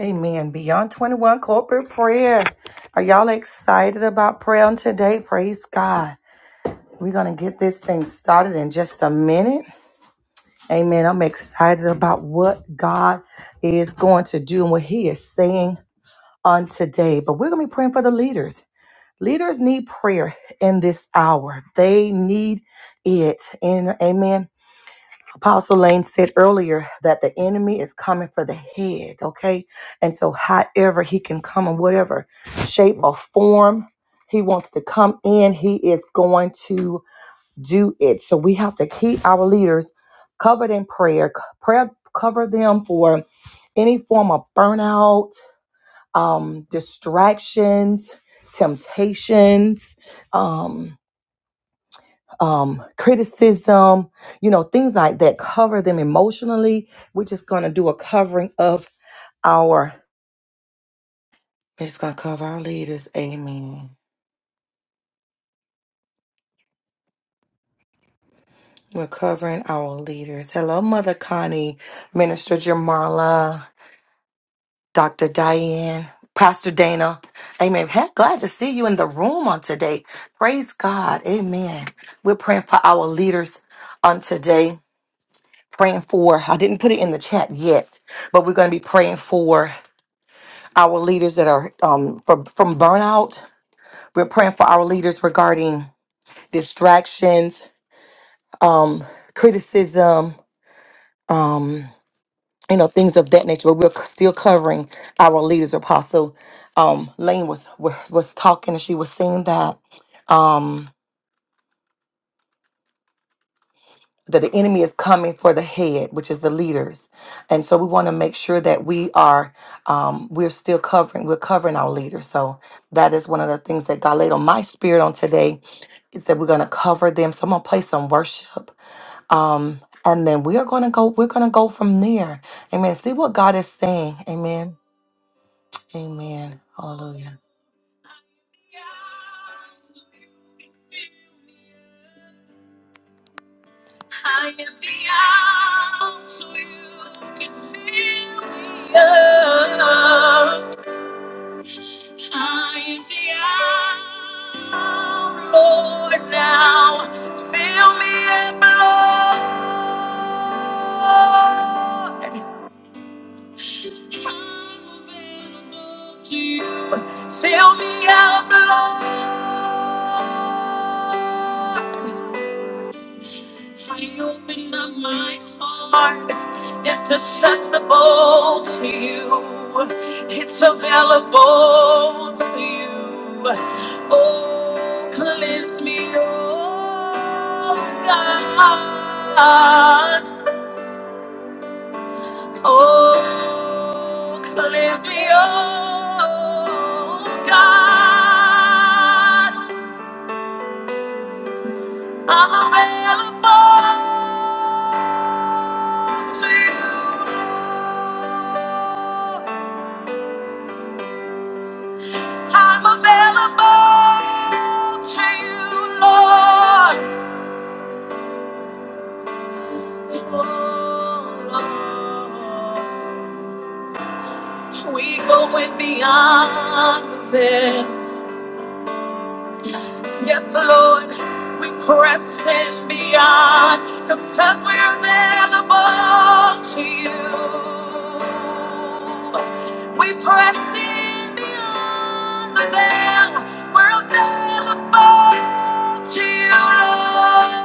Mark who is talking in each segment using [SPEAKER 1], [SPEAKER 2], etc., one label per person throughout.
[SPEAKER 1] Amen. Beyond 21 corporate prayer. Are y'all excited about prayer on today? Praise God. We're going to get this thing started in just a minute. Amen. I'm excited about what God is going to do and what He is saying on today. But we're going to be praying for the leaders. Leaders need prayer in this hour, they need it. And amen. Apostle Lane said earlier that the enemy is coming for the head, okay? And so, however he can come in whatever shape or form he wants to come in, he is going to do it. So, we have to keep our leaders covered in prayer, C- prayer cover them for any form of burnout, um, distractions, temptations. Um, um, criticism, you know, things like that. Cover them emotionally. We're just going to do a covering of our. We're just going to cover our leaders. Amen. We're covering our leaders. Hello, Mother Connie, Minister Jamarla, Dr. Diane, Pastor Dana. Amen. Heck, glad to see you in the room on today. Praise God. Amen. We're praying for our leaders on today. Praying for, I didn't put it in the chat yet, but we're going to be praying for our leaders that are um, from, from burnout. We're praying for our leaders regarding distractions, um, criticism, um, you know, things of that nature. But we're still covering our leaders. Apostle um, Lane was, was was talking, and she was saying that. um, that the enemy is coming for the head, which is the leaders, and so we want to make sure that we are um, we're still covering we're covering our leaders. So that is one of the things that God laid on my spirit on today is that we're going to cover them. So I'm going to play some worship, um, and then we are going to go we're going to go from there. Amen. See what God is saying. Amen. Amen. Hallelujah. I am the out, so you can fill me up. I am the out, Lord, now fill me up, Lord. I'm available to you. Fill me up, Lord. I open up my heart. It's accessible to you. It's available to you. Oh, cleanse me, oh God. Oh, cleanse me, oh God. I'm available to you. I'm available to you, Lord. We going beyond the veil. Yes, Lord, we pressing beyond because we're available to you. We pressing beyond the veil. We're available to you, Lord.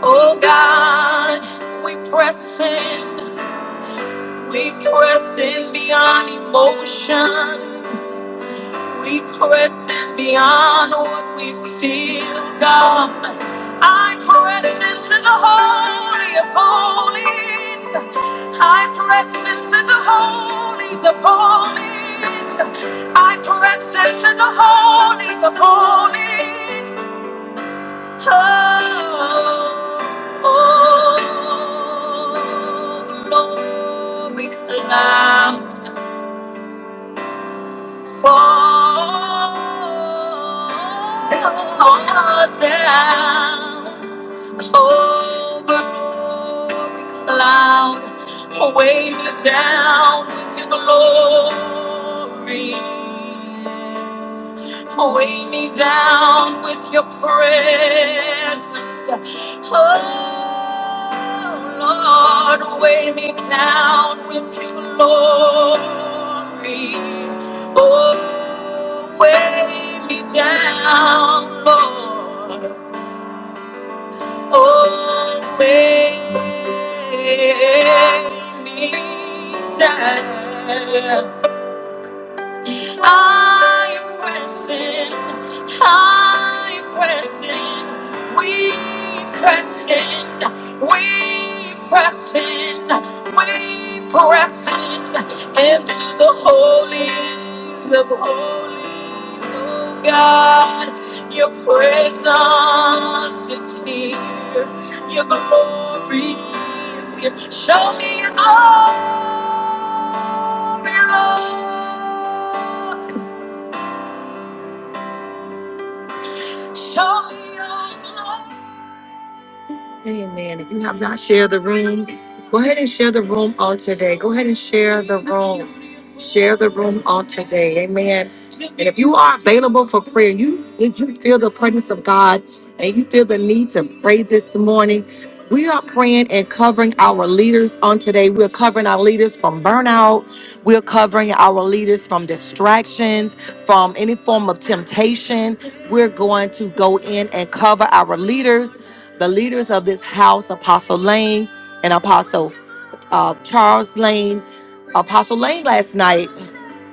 [SPEAKER 1] Oh God, we pressing, we pressing beyond emotion, we pressing beyond what we feel, God. I press into the holy of holies. I press into the holies of holies. I press into the holies of holies. Oh, oh, oh, oh, glory cloud. Fall I'll hold her down, oh glory cloud, weigh me down with your glories, Weigh me down with your presence. oh. Lord, weigh me down with your glory. Oh, weigh me down, Lord. Oh, weigh me down. High pressing, high pressing, we pressing, we pressing, we pressing into the holy of holies, oh God, your presence is here, your glory is here. Show me your glory, Lord. Show me your glory. Amen. If you have not shared the room, go ahead and share the room on today. Go ahead and share the room. Share the room on today. Amen. And if you are available for prayer, you if you feel the presence of God and you feel the need to pray this morning. We are praying and covering our leaders on today. We're covering our leaders from burnout. We're covering our leaders from distractions, from any form of temptation. We're going to go in and cover our leaders the leaders of this house, Apostle Lane and Apostle uh, Charles Lane. Apostle Lane last night,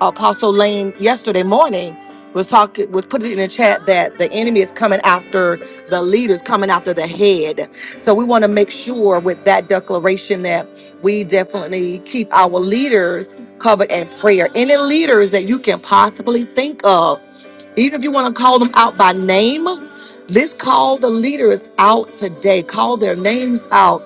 [SPEAKER 1] Apostle Lane yesterday morning was talking was put it in the chat that the enemy is coming after the leaders, coming after the head. So we want to make sure with that declaration that we definitely keep our leaders covered in prayer. Any leaders that you can possibly think of even if you want to call them out by name, let's call the leaders out today. Call their names out.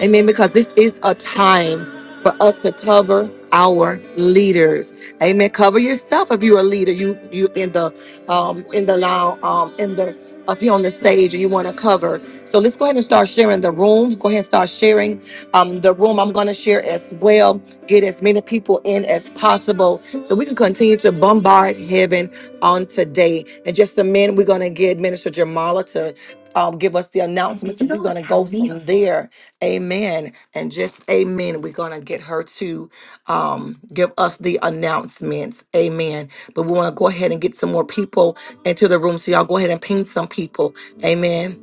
[SPEAKER 1] Amen. Because this is a time for us to cover our leaders. Amen. Cover yourself if you're a leader. You you in the um in the lounge um in the up here on the stage and you want to cover. So let's go ahead and start sharing the room. Go ahead and start sharing um the room. I'm gonna share as well. Get as many people in as possible so we can continue to bombard heaven on today. In just a minute, we're gonna get Minister Jamala to um, give us the announcements, and we're gonna go from there. Amen. And just amen. We're going to get her to um, give us the announcements. Amen. But we want to go ahead and get some more people into the room. So y'all go ahead and ping some people. Amen.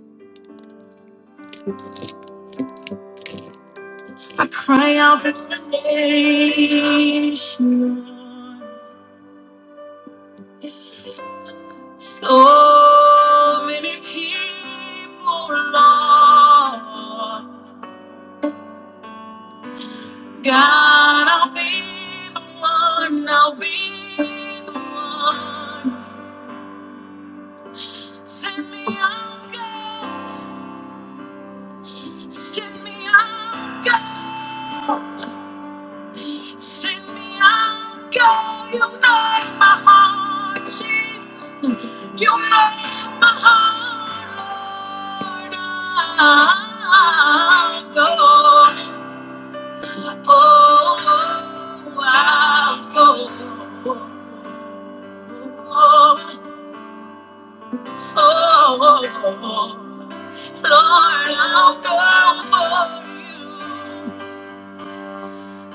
[SPEAKER 1] I cry out for nation. So many people lost. God, I'll be the one. I'll be the one. Send me out, God. Send me out, God. Send me out, God. You know my heart, Jesus. You know my heart, go. Oh, I'll go. Oh, oh, oh, oh. Lord, I'll go for you.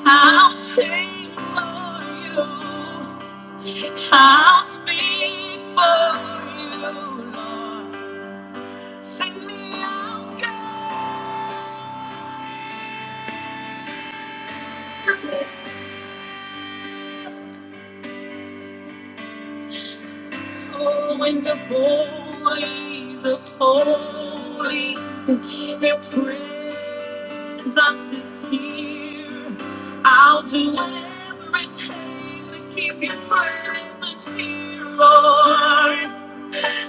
[SPEAKER 1] I'll sing for you. I'll speak for you, Lord. Sing me out, God, Oh, in the holies of holies. Your presence is here. I'll do whatever it takes to keep your presence here, Lord.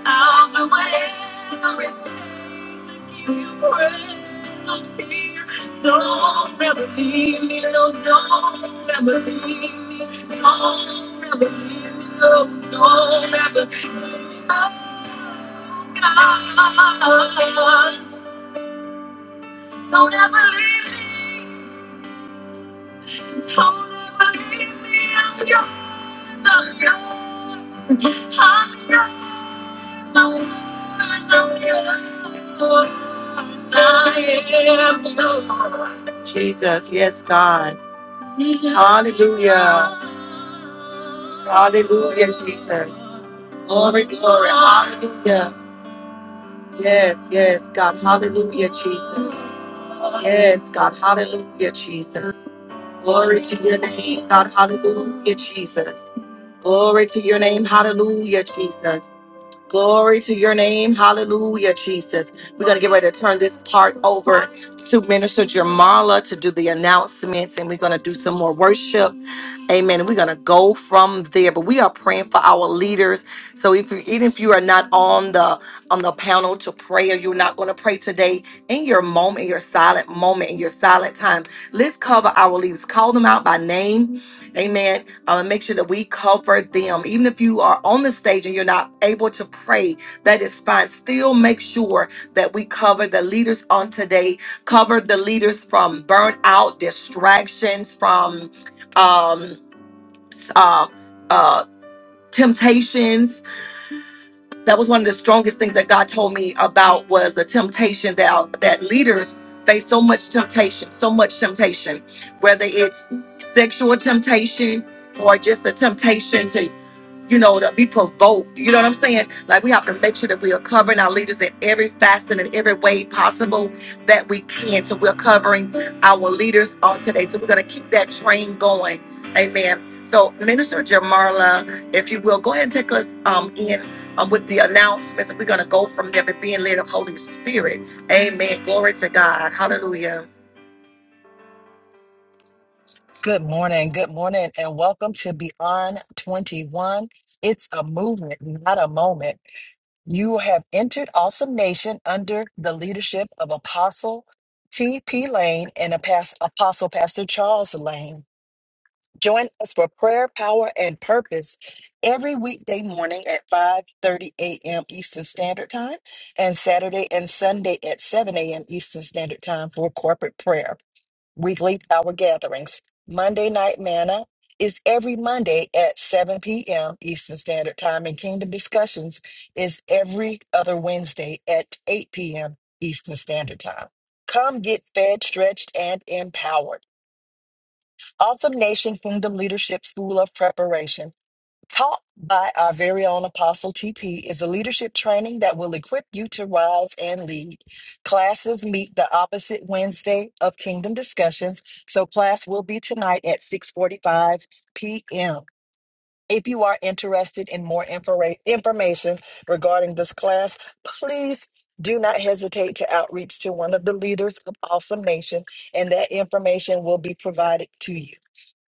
[SPEAKER 1] I'll do whatever it takes to give you praise. No tear. Don't ever leave me, no, don't ever leave me. Don't ever leave me, no, don't ever leave me. Oh, God, don't ever leave me. Don't ever leave me. I'm yours, I'm yours, I'm yours. Jesus, yes, God. Hallelujah. Hallelujah, Jesus. Glory, glory. Hallelujah. Yes, yes, God. Hallelujah, Jesus. Yes, God. Hallelujah, Jesus. Glory to your name, God. Hallelujah, Jesus. Glory to your name. Hallelujah, Jesus. Glory to your name. Hallelujah, Jesus. We're going to get ready to turn this part over to Minister Jamala to do the announcements, and we're going to do some more worship. Amen. And We're gonna go from there, but we are praying for our leaders. So if you even if you are not on the on the panel to pray, or you're not gonna pray today, in your moment, in your silent moment, in your silent time, let's cover our leaders. Call them out by name. Amen. Uh, make sure that we cover them. Even if you are on the stage and you're not able to pray, that is fine. Still make sure that we cover the leaders on today. Cover the leaders from burnout, distractions, from um uh, uh, temptations. That was one of the strongest things that God told me about was the temptation that that leaders face so much temptation, so much temptation, whether it's sexual temptation or just a temptation to you know, to be provoked. You know what I'm saying? Like we have to make sure that we are covering our leaders in every facet and every way possible that we can. So we're covering our leaders on today. So we're gonna keep that train going. Amen. So Minister Jamarla, if you will, go ahead and take us um, in um, with the announcements. We're gonna go from there, but being led of Holy Spirit. Amen. Glory to God. Hallelujah.
[SPEAKER 2] Good morning, good morning, and welcome to Beyond 21. It's a movement, not a moment. You have entered Awesome Nation under the leadership of Apostle T.P. Lane and Apas- Apostle Pastor Charles Lane. Join us for prayer, power, and purpose every weekday morning at 5:30 a.m. Eastern Standard Time and Saturday and Sunday at 7 a.m. Eastern Standard Time for corporate prayer weekly power gatherings. Monday Night Manna is every Monday at 7 p.m. Eastern Standard Time, and Kingdom Discussions is every other Wednesday at 8 p.m. Eastern Standard Time. Come get fed, stretched, and empowered. Awesome Nation Kingdom Leadership School of Preparation Taught by our very own Apostle TP is a leadership training that will equip you to rise and lead. Classes meet the opposite Wednesday of Kingdom Discussions, so class will be tonight at 6:45 p.m. If you are interested in more infora- information regarding this class, please do not hesitate to outreach to one of the leaders of Awesome Nation, and that information will be provided to you.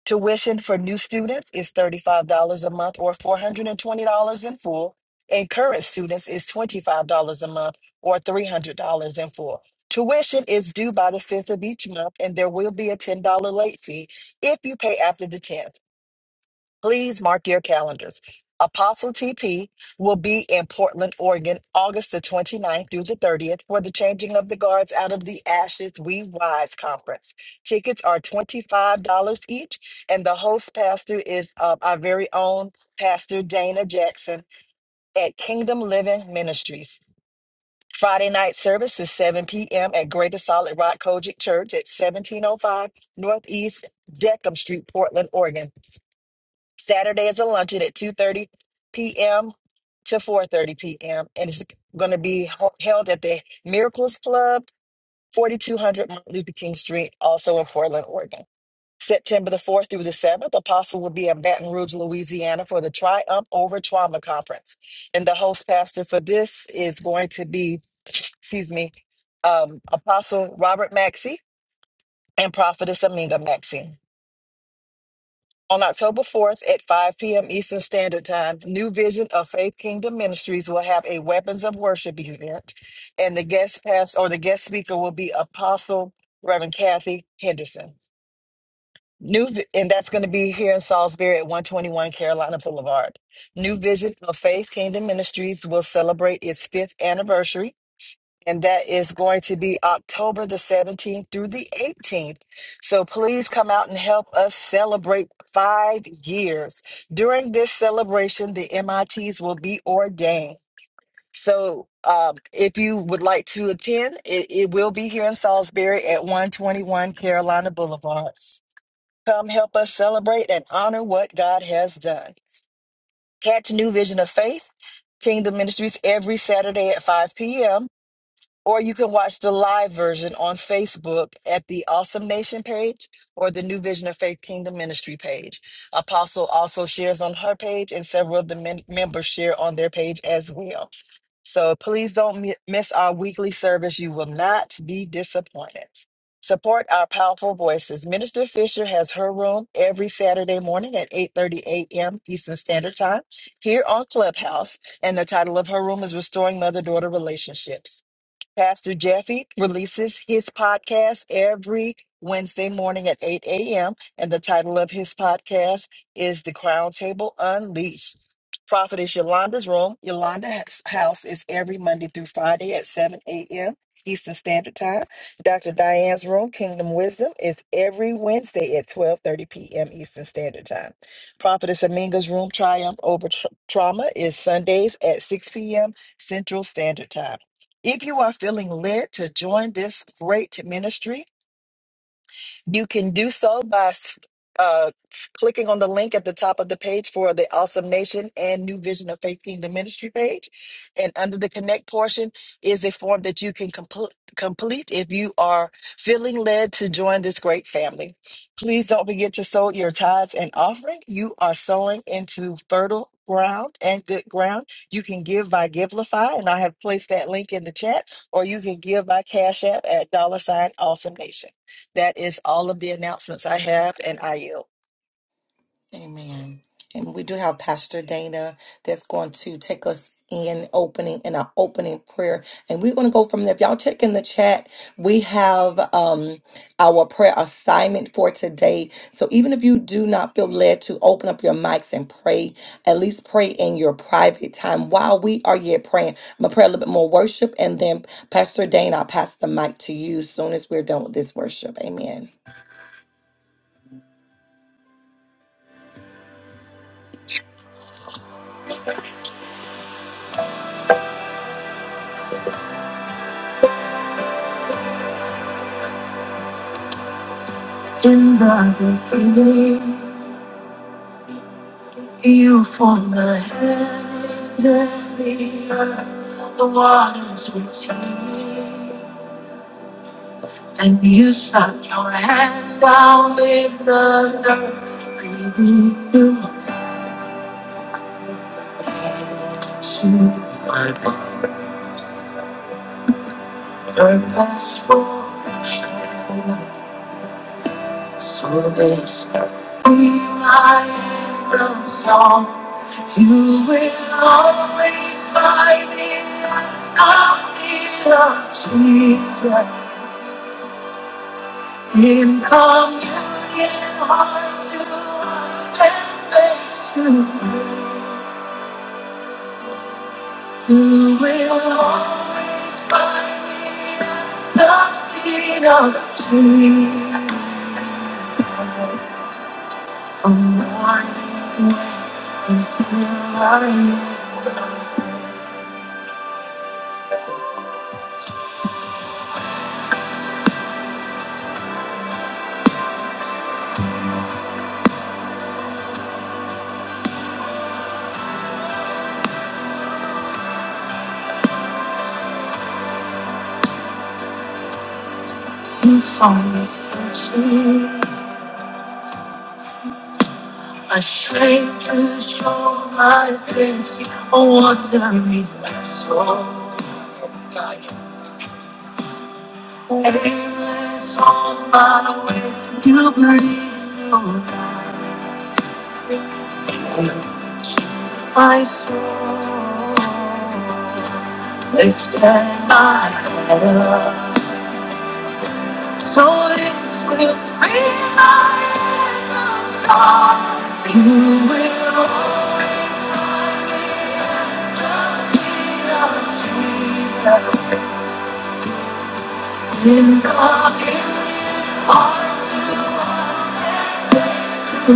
[SPEAKER 2] Tuition for new students is $35 a month or $420 in full, and current students is $25 a month or $300 in full. Tuition is due by the 5th of each month, and there will be a $10 late fee if you pay after the 10th. Please mark your calendars. Apostle TP will be in Portland, Oregon, August the 29th through the 30th for the Changing of the Guards Out of the Ashes We Rise conference. Tickets are $25 each, and the host pastor is uh, our very own Pastor Dana Jackson at Kingdom Living Ministries. Friday night service is 7 p.m. at Greater Solid Rock Kojic Church at 1705 Northeast Deckham Street, Portland, Oregon. Saturday is a luncheon at 2:30 p.m. to 4:30 p.m. and it's going to be ho- held at the Miracles Club, 4200 Martin Luther King Street, also in Portland, Oregon. September the 4th through the 7th, Apostle will be in Baton Rouge, Louisiana for the Triumph Over Trauma Conference. And the host pastor for this is going to be, excuse me, um, Apostle Robert Maxey and Prophetess Aminga Maxey. On October 4th at 5 p.m. Eastern Standard Time, New Vision of Faith Kingdom Ministries will have a Weapons of Worship event, and the guest pass or the guest speaker will be Apostle Reverend Kathy Henderson. New Vi- and that's going to be here in Salisbury at 121 Carolina Boulevard. New Vision of Faith Kingdom Ministries will celebrate its fifth anniversary and that is going to be October the 17th through the 18th. So please come out and help us celebrate five years. During this celebration, the MITs will be ordained. So um, if you would like to attend, it, it will be here in Salisbury at 121 Carolina Boulevard. Come help us celebrate and honor what God has done. Catch New Vision of Faith, Kingdom Ministries, every Saturday at 5 p.m. Or you can watch the live version on Facebook at the Awesome Nation page or the New Vision of Faith Kingdom Ministry page. Apostle also shares on her page, and several of the men- members share on their page as well. So please don't mi- miss our weekly service. You will not be disappointed. Support our powerful voices. Minister Fisher has her room every Saturday morning at 8:30 a.m. Eastern Standard Time here on Clubhouse, and the title of her room is Restoring Mother-Daughter Relationships. Pastor Jeffy releases his podcast every Wednesday morning at 8 a.m. And the title of his podcast is The Crown Table Unleashed. Prophetess Yolanda's Room, Yolanda's House is every Monday through Friday at 7 a.m. Eastern Standard Time. Dr. Diane's Room, Kingdom Wisdom, is every Wednesday at 12.30 p.m. Eastern Standard Time. Prophetess Aminga's Room, Triumph Over Tr- Trauma, is Sundays at 6 p.m. Central Standard Time. If you are feeling led to join this great ministry, you can do so by s- uh, s- clicking on the link at the top of the page for the Awesome Nation and New Vision of Faith Kingdom Ministry page. And under the Connect portion is a form that you can compl- complete if you are feeling led to join this great family. Please don't forget to sow your tithes and offering. You are sowing into fertile ground and good ground. You can give by Givelify, and I have placed that link in the chat, or you can give by Cash App at dollar sign Awesome Nation. That is all of the announcements I have, and I yield.
[SPEAKER 1] Amen. And we do have Pastor Dana that's going to take us in opening in our opening prayer. And we're going to go from there. If y'all check in the chat, we have um our prayer assignment for today. So even if you do not feel led to open up your mics and pray, at least pray in your private time while we are yet praying. I'm gonna pray a little bit more worship and then Pastor Dana, I'll pass the mic to you soon as we're done with this worship. Amen. In the beginning. You form the heavens and the earth, the waters retain. And you stuck your hand down in the dirt, breathing new life into my bones. Your last So this be my anthem song. You will always find me at the feet of Jesus. In communion, heart to heart and face to face. You will always find me at the feet of Jesus. From morning to night until I you found me searching. A stranger showed my face, a wandering soul. of light. Aimless on my way, you believe you my soul. Lift my head up. So this will be my anthem song. You will always find me at the feet of Jesus. In the hills are to our faith. You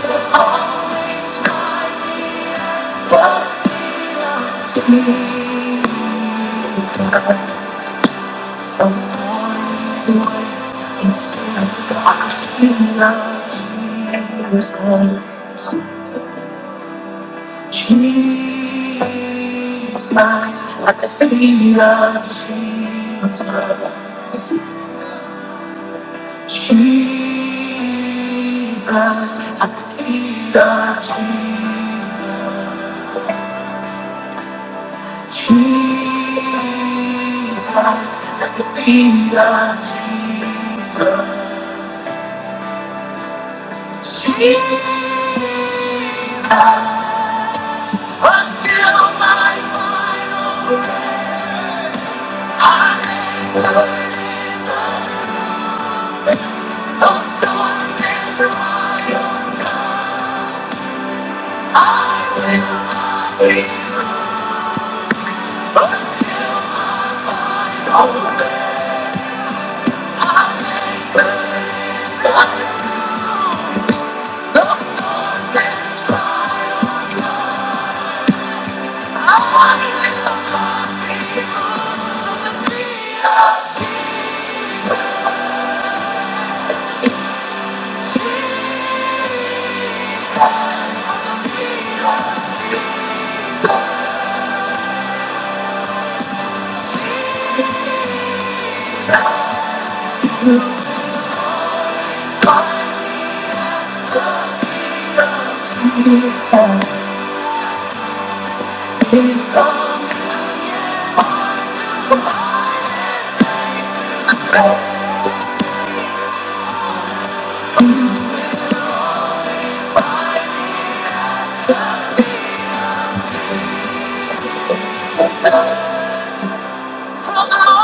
[SPEAKER 1] will always find me at the feet of Jesus. At the feet of Jesus, Jesus, at the feet of Jesus, Jesus, at the feet of Jesus. until until my my final final breath, I will those storms and trials. I will be until my final breath. I'll I I'll will storms storms and trials Thank you. So the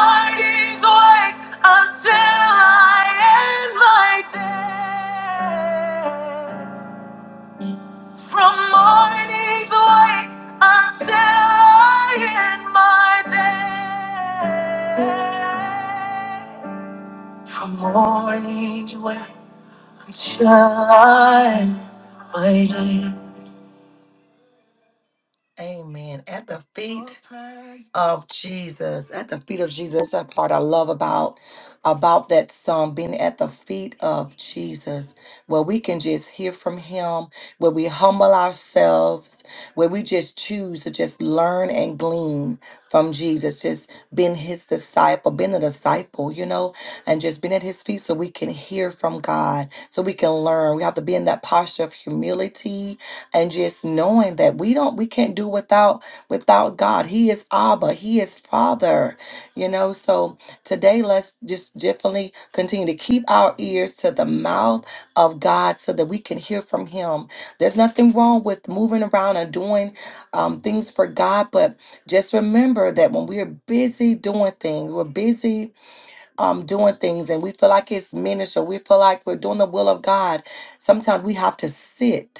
[SPEAKER 1] From morning's wake until I end my day. From morning's wake until I end my day. From morning's wake until I end my day. mighty. Amen. At the feet of Jesus. At the feet of Jesus. That's that part I love about about that song, being at the feet of Jesus, where we can just hear from him, where we humble ourselves, where we just choose to just learn and glean from Jesus, just being his disciple, being a disciple, you know, and just being at his feet so we can hear from God, so we can learn. We have to be in that posture of humility and just knowing that we don't we can't do without without god he is abba he is father you know so today let's just definitely continue to keep our ears to the mouth of god so that we can hear from him there's nothing wrong with moving around and doing um, things for god but just remember that when we're busy doing things we're busy um, doing things and we feel like it's ministry. we feel like we're doing the will of god sometimes we have to sit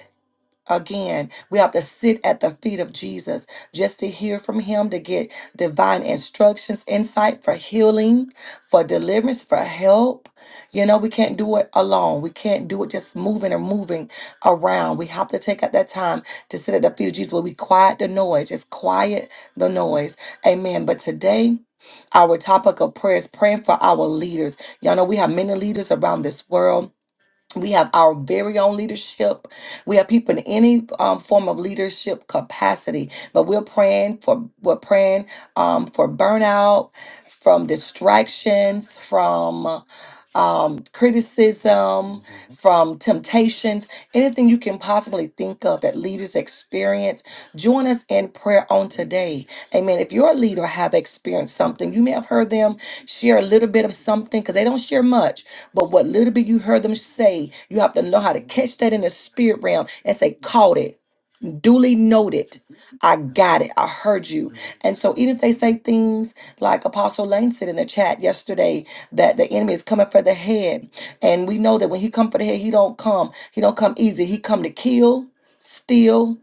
[SPEAKER 1] Again, we have to sit at the feet of Jesus just to hear from him, to get divine instructions, insight for healing, for deliverance, for help. You know, we can't do it alone. We can't do it just moving or moving around. We have to take out that time to sit at the feet of Jesus where we quiet the noise. Just quiet the noise. Amen. But today, our topic of prayer is praying for our leaders. Y'all know we have many leaders around this world we have our very own leadership. We have people in any um, form of leadership capacity, but we're praying for we're praying um, for burnout, from distractions, from um, criticism, from temptations, anything you can possibly think of that leaders experience. Join us in prayer on today. Amen. If you're a leader, have experienced something. You may have heard them share a little bit of something because they don't share much but what little bit you heard them say, you have to know how to catch that in the spirit realm and say, caught it duly noted. I got it. I heard you. And so even if they say things like Apostle Lane said in the chat yesterday that the enemy is coming for the head. And we know that when he come for the head, he don't come. He don't come easy. He come to kill, steal,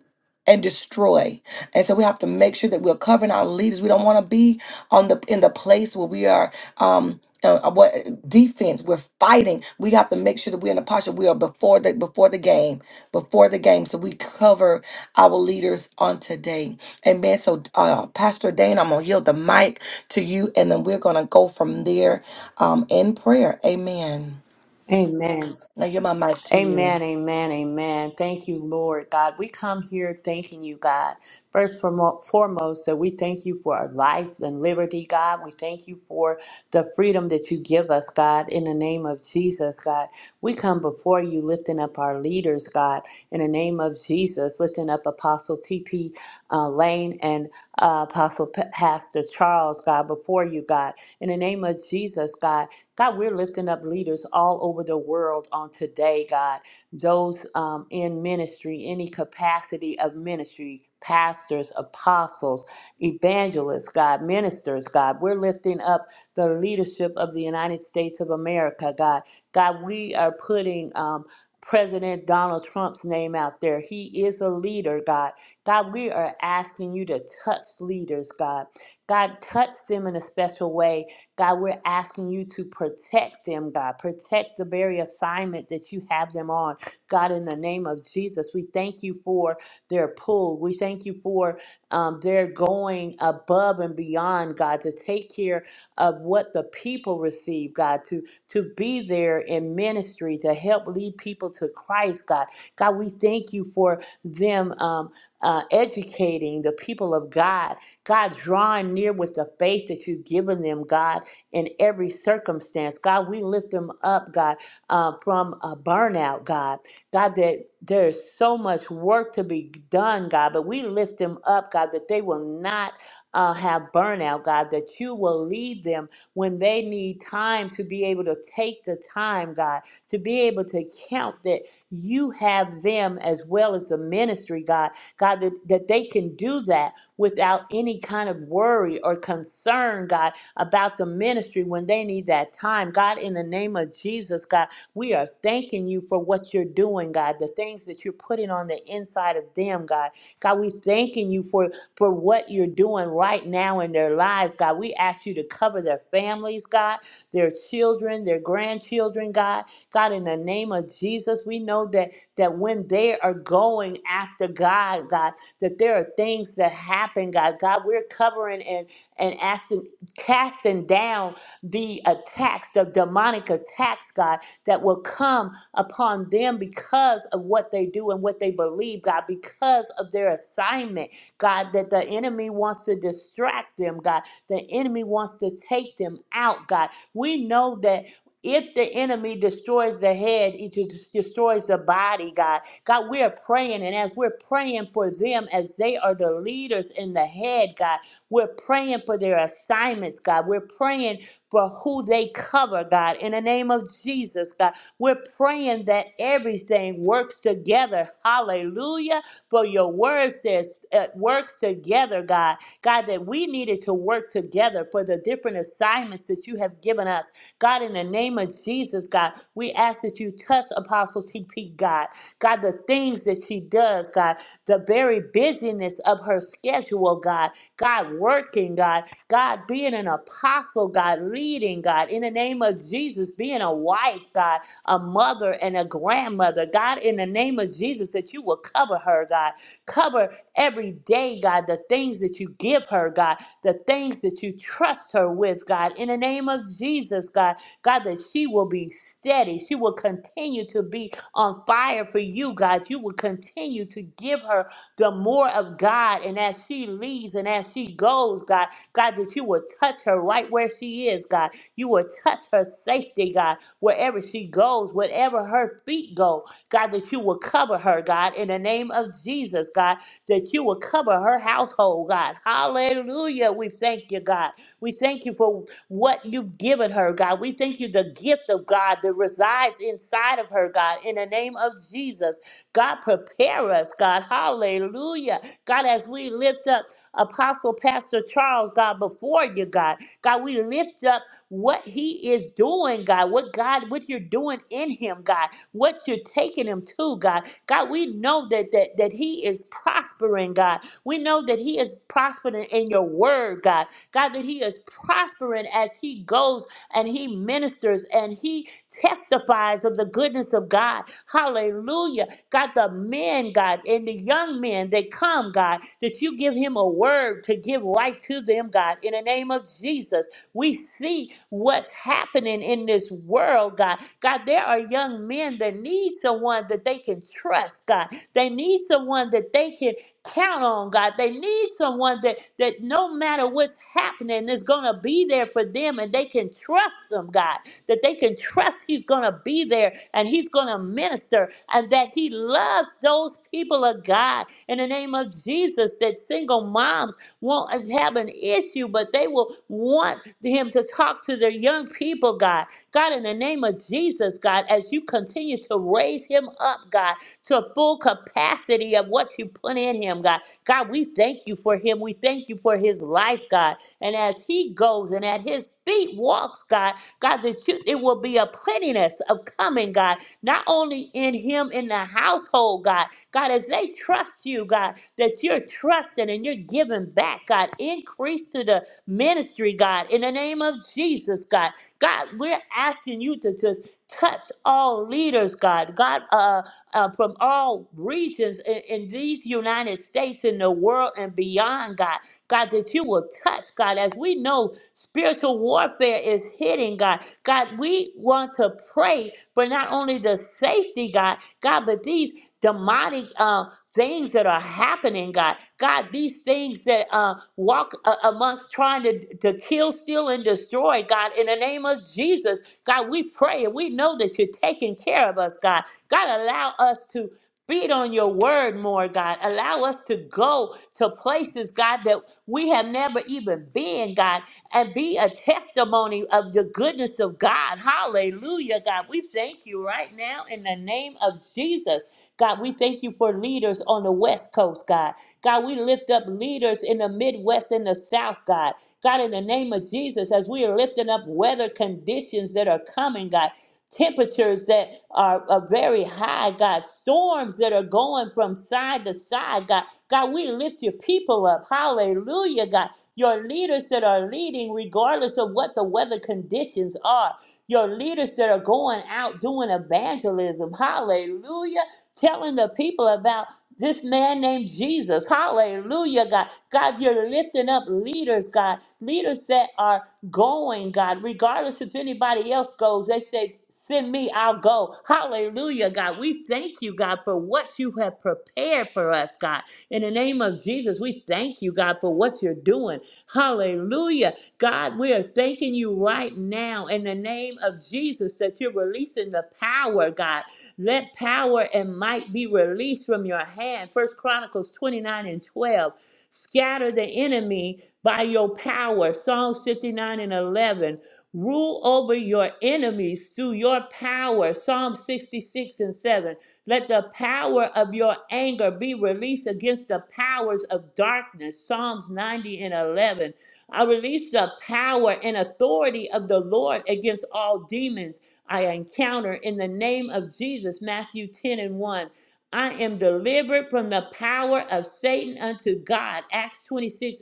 [SPEAKER 1] and destroy. And so we have to make sure that we're covering our leaders. We don't want to be on the in the place where we are um uh, uh, what defense we're fighting we have to make sure that we're in a posture we are before the before the game before the game so we cover our leaders on today. Amen. So, uh, Pastor Dane, I'm going to yield the mic to you, and then we're going to go from there um, in prayer. Amen.
[SPEAKER 3] Amen.
[SPEAKER 1] Now, yield my mic to you.
[SPEAKER 3] Amen. Amen. Amen. Thank you, Lord God. We come here thanking you, God. First foremo- foremost, that we thank you for our life and liberty, God. We thank you for the freedom that you give us, God, in the name of Jesus, God. We come before you lifting up our leaders, God, in the name of Jesus, lifting up Apostle T.P. Uh, Lane and uh, Apostle Pa- Pastor Charles, God, before you, God. In the name of Jesus, God, God, we're lifting up leaders all over the world on today, God. Those um, in ministry, any capacity of ministry, pastors, apostles, evangelists, God, ministers, God. We're lifting up the leadership of the United States of America, God. God, we are putting. Um, President Donald Trump's name out there. He is a leader, God. God, we are asking you to touch leaders, God. God, touch them in a special way God, we're asking you to protect them, God. Protect the very assignment that you have them on. God, in the name of Jesus, we thank you for their pull. We thank you for um, their going above and beyond, God, to take care of what the people receive, God, to, to be there in ministry, to help lead people to Christ, God. God, we thank you for them um, uh, educating the people of God. God, drawing near with the faith that you've given them, God in every circumstance. God, we lift them up, God, uh, from a burnout, God. God, that there's so much work to be done, God, but we lift them up, God, that they will not uh, have burnout, God, that you will lead them when they need time to be able to take the time, God, to be able to count that you have them as well as the ministry, God, God, that, that they can do that without any kind of worry or concern, God about the ministry when they need that time. God, in the name of Jesus, God, we are thanking you for what you're doing, God, the things that you're putting on the inside of them, God. God, we thanking you for, for what you're doing right now in their lives, God. We ask you to cover their families, God, their children, their grandchildren, God. God, in the name of Jesus, we know that that when they are going after God, God, that there are things that happen, God. God, we're covering and and asking casting down the attacks, the demonic attacks, God, that will come upon them because of what they do and what they believe, God, because of their assignment, God, that the enemy wants to distract them, God. The enemy wants to take them out, God. We know that. If the enemy destroys the head, it des- destroys the body, God. God, we are praying, and as we're praying for them, as they are the leaders in the head, God. We're praying for their assignments, God. We're praying for who they cover, God, in the name of Jesus, God. We're praying that everything works together. Hallelujah. For your word says it works together, God. God, that we needed to work together for the different assignments that you have given us. God, in the name of Jesus, God, we ask that you touch Apostle TP, God. God, the things that she does, God, the very busyness of her schedule, God. God working, God, God being an apostle, God leading, God, in the name of Jesus, being a wife, God, a mother and a grandmother, God, in the name of Jesus, that you will cover her, God, cover every day, God, the things that you give her, God, the things that you trust her with, God, in the name of Jesus, God, God, that she will be steady, she will continue to be on fire for you, God, you will continue to give her the more of God. And as she leads and as she goes, God, God, that you will touch her right where she is, God. You will touch her safety, God, wherever she goes, wherever her feet go, God, that you will cover her, God, in the name of Jesus, God, that you will cover her household, God. Hallelujah. We thank you, God. We thank you for what you've given her, God. We thank you the gift of God that resides inside of her, God, in the name of Jesus. God, prepare us, God. Hallelujah. God, as we lift up Apostle Pastor Charles, God, before you, God. God, we lift up what he is doing, God. What God, what you're doing in him, God. What you're taking him to, God. God, we know that that that he is prospering, God. We know that he is prospering in your word, God. God, that he is prospering as he goes and he ministers and he testifies of the goodness of God. Hallelujah. God, the men, God, and the young men that come, God, that you give him a word to give right to them, God, in the name of Jesus. We see what's happening in this world, God. God, there are young men that need someone that they can trust, God. They need someone that they can count on, God. They need someone that that no matter what's happening is going to be there for them and they can trust them, God that they can trust He's going to be there and He's going to minister and that He loves those people of God. In the name of Jesus, that single moms won't have an issue, but they will want Him to talk to their young people, God. God, in the name of Jesus, God, as you continue to raise Him up, God, to a full capacity of what you put in Him, God. God, we thank you for Him. We thank you for His life, God. And as He goes and at His feet walks, God, God, that you, it will be a plentiness of coming, God, not only in him in the household, God, God, as they trust you, God, that you're trusting and you're giving back, God, increase to the ministry, God, in the name of Jesus, God. God, we're asking you to just touch all leaders, God, God, uh, uh, from all regions in, in these United States, in the world, and beyond, God. God, that you will touch, God, as we know Spiritual warfare is hitting, God. God, we want to pray for not only the safety, God, God, but these demonic uh, things that are happening, God. God, these things that uh, walk uh, amongst trying to, to kill, steal, and destroy, God, in the name of Jesus. God, we pray and we know that you're taking care of us, God. God, allow us to feed on your word more, God. Allow us to go to places, God, that we have never even been, God and be a testimony of the goodness of God. Hallelujah, God. We thank you right now in the name of Jesus. God, we thank you for leaders on the West Coast, God. God, we lift up leaders in the Midwest and the South, God. God, in the name of Jesus, as we are lifting up weather conditions that are coming, God, temperatures that are, are very high, God, storms that are going from side to side, God. God, we lift your people up. Hallelujah, God. Your leaders that are leading, regardless of what the weather conditions are. Your leaders that are going out doing evangelism. Hallelujah. Telling the people about this man named Jesus. Hallelujah, God. God, you're lifting up leaders, God. Leaders that are going, God, regardless if anybody else goes, they say, Send me, I'll go. Hallelujah, God. We thank you, God, for what you have prepared for us, God. In the name of Jesus, we thank you, God, for what you're doing. Hallelujah. God, we are thanking you right now in the name of Jesus that you're releasing the power, God. Let power and might be released from your hand. First Chronicles 29 and 12. Scatter the enemy by your power. Psalms 59 and 11. Rule over your enemies through your power. Psalm 66 and 7. Let the power of your anger be released against the powers of darkness. Psalms 90 and 11. I release the power and authority of the Lord against all demons I encounter in the name of Jesus. Matthew 10 and 1. I am delivered from the power of Satan unto God. Acts 26:18.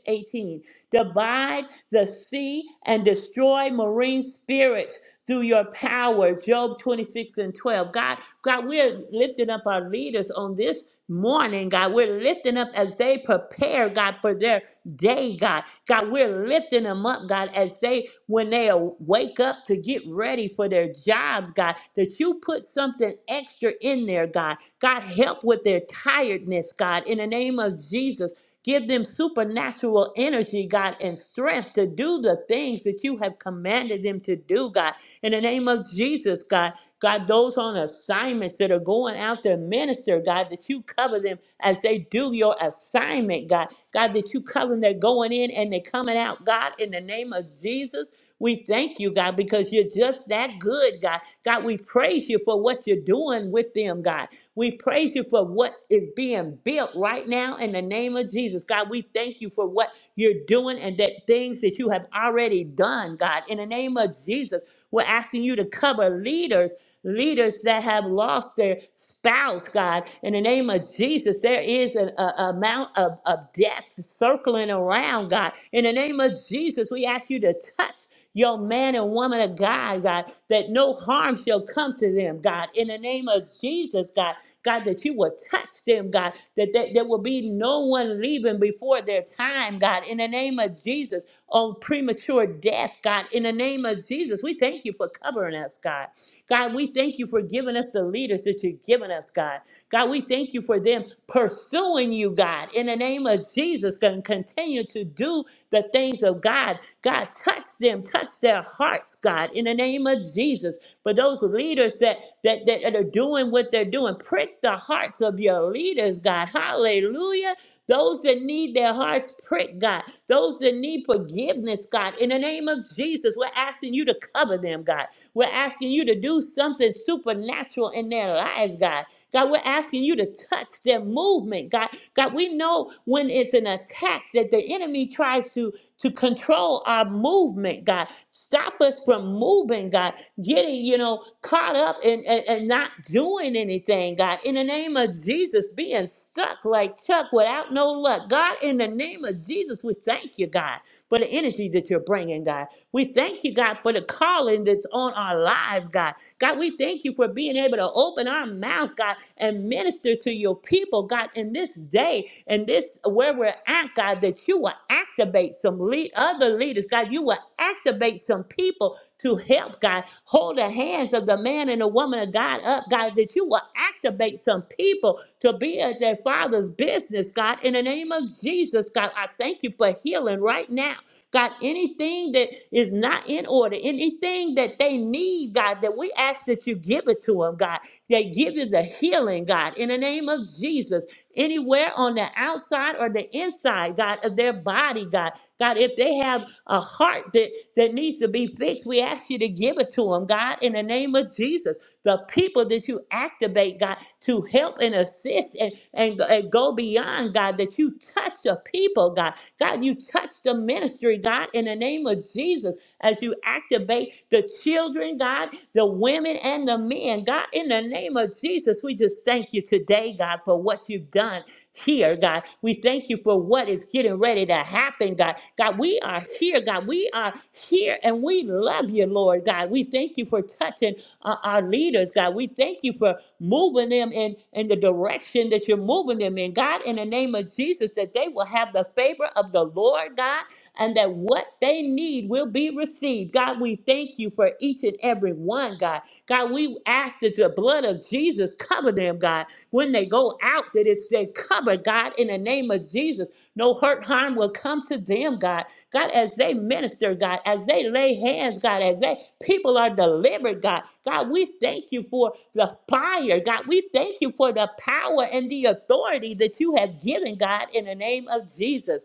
[SPEAKER 3] Divide the sea and destroy marine spirits through your power. Job 26 and 12. God, God, we're lifting up our leaders on this morning, God. We're lifting up as they prepare, God, for their day, God. God, we're lifting them up, God, as they, when they aw- wake up to get ready for their jobs, God, that you put something extra in there, God. God, help with their tiredness, God, in the name of Jesus. Give them supernatural energy, God, and strength to do the things that you have commanded them to do, God. In the name of Jesus, God, God, those on assignments that are going out to minister, God, that you cover them as they do your assignment, God. God, that you cover them, they're going in and they're coming out, God, in the name of Jesus. We thank you, God, because you're just that good, God. God, we praise you for what you're doing with them, God. We praise you for what is being built right now in the name of Jesus. God, we thank you for what you're doing and that things that you have already done, God, in the name of Jesus. We're asking you to cover leaders, leaders that have lost their spouse, God. In the name of Jesus, there is an a, a amount of, of death circling around, God. In the name of Jesus, we ask you to touch your man and woman of God, God, that no harm shall come to them, God. In the name of Jesus, God, God, that you will touch them, God, that there, there will be no one leaving before their time, God. In the name of Jesus on premature death, God. In the name of Jesus, we thank you for covering us, God. God, we thank you for giving us the leaders that you've given us, God. God, we thank you for them pursuing you, God. In the name of Jesus, going to continue to do the things of God. God, touch them, touch their hearts, God. In the name of Jesus, for those leaders that that that are doing what they're doing, prick the hearts of your leaders, God. Hallelujah. Those that need their hearts pricked, God. Those that need forgiveness, God. In the name of Jesus, we're asking you to cover them, God. We're asking you to do something supernatural in their lives, God. God, we're asking you to touch their movement, God. God, we know when it's an attack that the enemy tries to to control our movement, God. Stop us from moving, God. Getting, you know, caught up and, and, and not doing anything, God. In the name of Jesus, being stuck like Chuck without no luck. God, in the name of Jesus, we thank you, God, for the energy that you're bringing, God. We thank you, God, for the calling that's on our lives, God. God, we thank you for being able to open our mouth, God, and minister to your people, God, in this day and this where we're at, God, that you will activate some lead, other leaders, God. You will activate some people to help, God, hold the hands of the man and the woman of God up, God, that you will activate some people to be at their father's business, God, in the name of Jesus, God. I thank you for healing right now. God, anything that is not in order, anything that they need, God, that we ask that you give it to them, God, that give us a healing, God, in the name of Jesus, anywhere on the outside or the inside, God, of their body, God. God, if they have a heart that, that needs to be fixed, we ask you to give it to them, God, in the name of Jesus. The people that you activate, God, to help and assist and, and, and go beyond, God, that you touch the people, God. God, you touch the ministry, God, in the name of Jesus, as you activate the children, God, the women and the men. God, in the name of Jesus, we just thank you today, God, for what you've done here, God. We thank you for what is getting ready to happen, God. God, we are here, God. We are here and we love you, Lord, God. We thank you for touching uh, our leaders, God. We thank you for moving them in, in the direction that you're moving them in. God, in the name of Jesus, that they will have the favor of the Lord, God, and that what they need will be received. God, we thank you for each and every one, God. God, we ask that the blood of Jesus cover them, God. When they go out, that it's they cover, God, in the name of Jesus. No hurt, harm will come to them, God. God, as they minister, God, as they lay hands, God, as they people are delivered, God, God, we thank you for the fire, God, we thank you for the power and the authority that you have given, God, in the name of Jesus.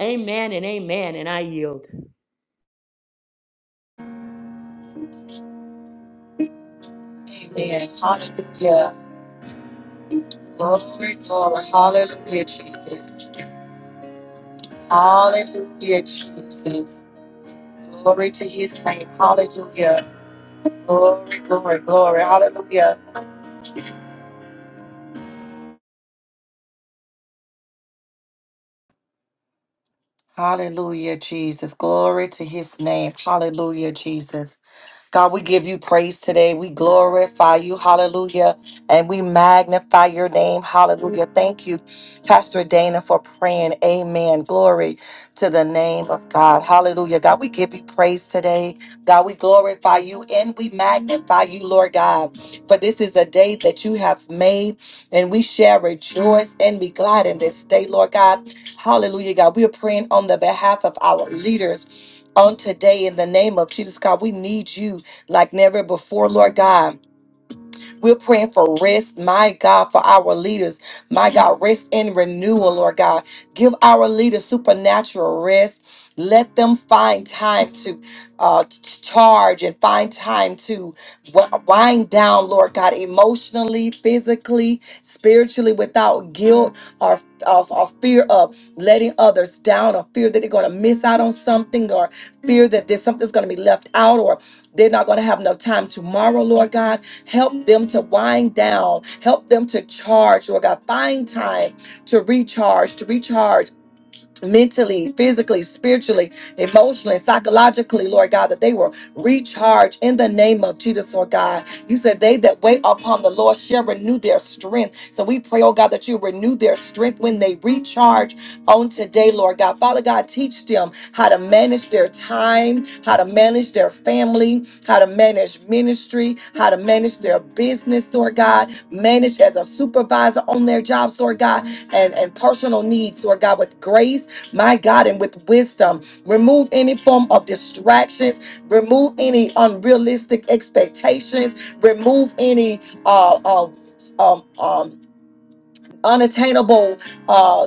[SPEAKER 3] Amen and amen. And I yield.
[SPEAKER 1] Amen. Hallelujah. Glory, glory. Hallelujah, Jesus. Hallelujah, Jesus. Glory to his name. Hallelujah. Glory, glory, glory. Hallelujah. Hallelujah, Jesus. Glory to his name. Hallelujah, Jesus. God, we give you praise today. We glorify you. Hallelujah. And we magnify your name. Hallelujah. Thank you, Pastor Dana, for praying. Amen. Glory to the name of God. Hallelujah. God, we give you praise today. God, we glorify you and we magnify you, Lord God. For this is a day that you have made, and we shall rejoice and be glad in this day, Lord God. Hallelujah, God. We are praying on the behalf of our leaders on today in the name of Jesus, God. We need you like never before, Lord God. We're praying for rest, my God, for our leaders. My God, rest and renewal, Lord God. Give our leaders supernatural rest. Let them find time to uh, ch- charge and find time to wi- wind down, Lord God, emotionally, physically, spiritually, without guilt or, or, or fear of letting others down or fear that they're going to miss out on something or fear that there's something's going to be left out or they're not going to have enough time tomorrow, Lord God. Help them to wind down. Help them to charge, Lord God. Find time to recharge, to recharge mentally, physically, spiritually, emotionally, psychologically, Lord God, that they will recharge in the name of Jesus, Lord God. You said they that wait upon the Lord shall renew their strength. So we pray, oh God, that you renew their strength when they recharge on today, Lord God. Father God, teach them how to manage their time, how to manage their family, how to manage ministry, how to manage their business, Lord God, manage as a supervisor on their jobs, Lord God, and, and personal needs, Lord God, with grace my God, and with wisdom. Remove any form of distractions. Remove any unrealistic expectations. Remove any uh, uh, um, um, unattainable uh,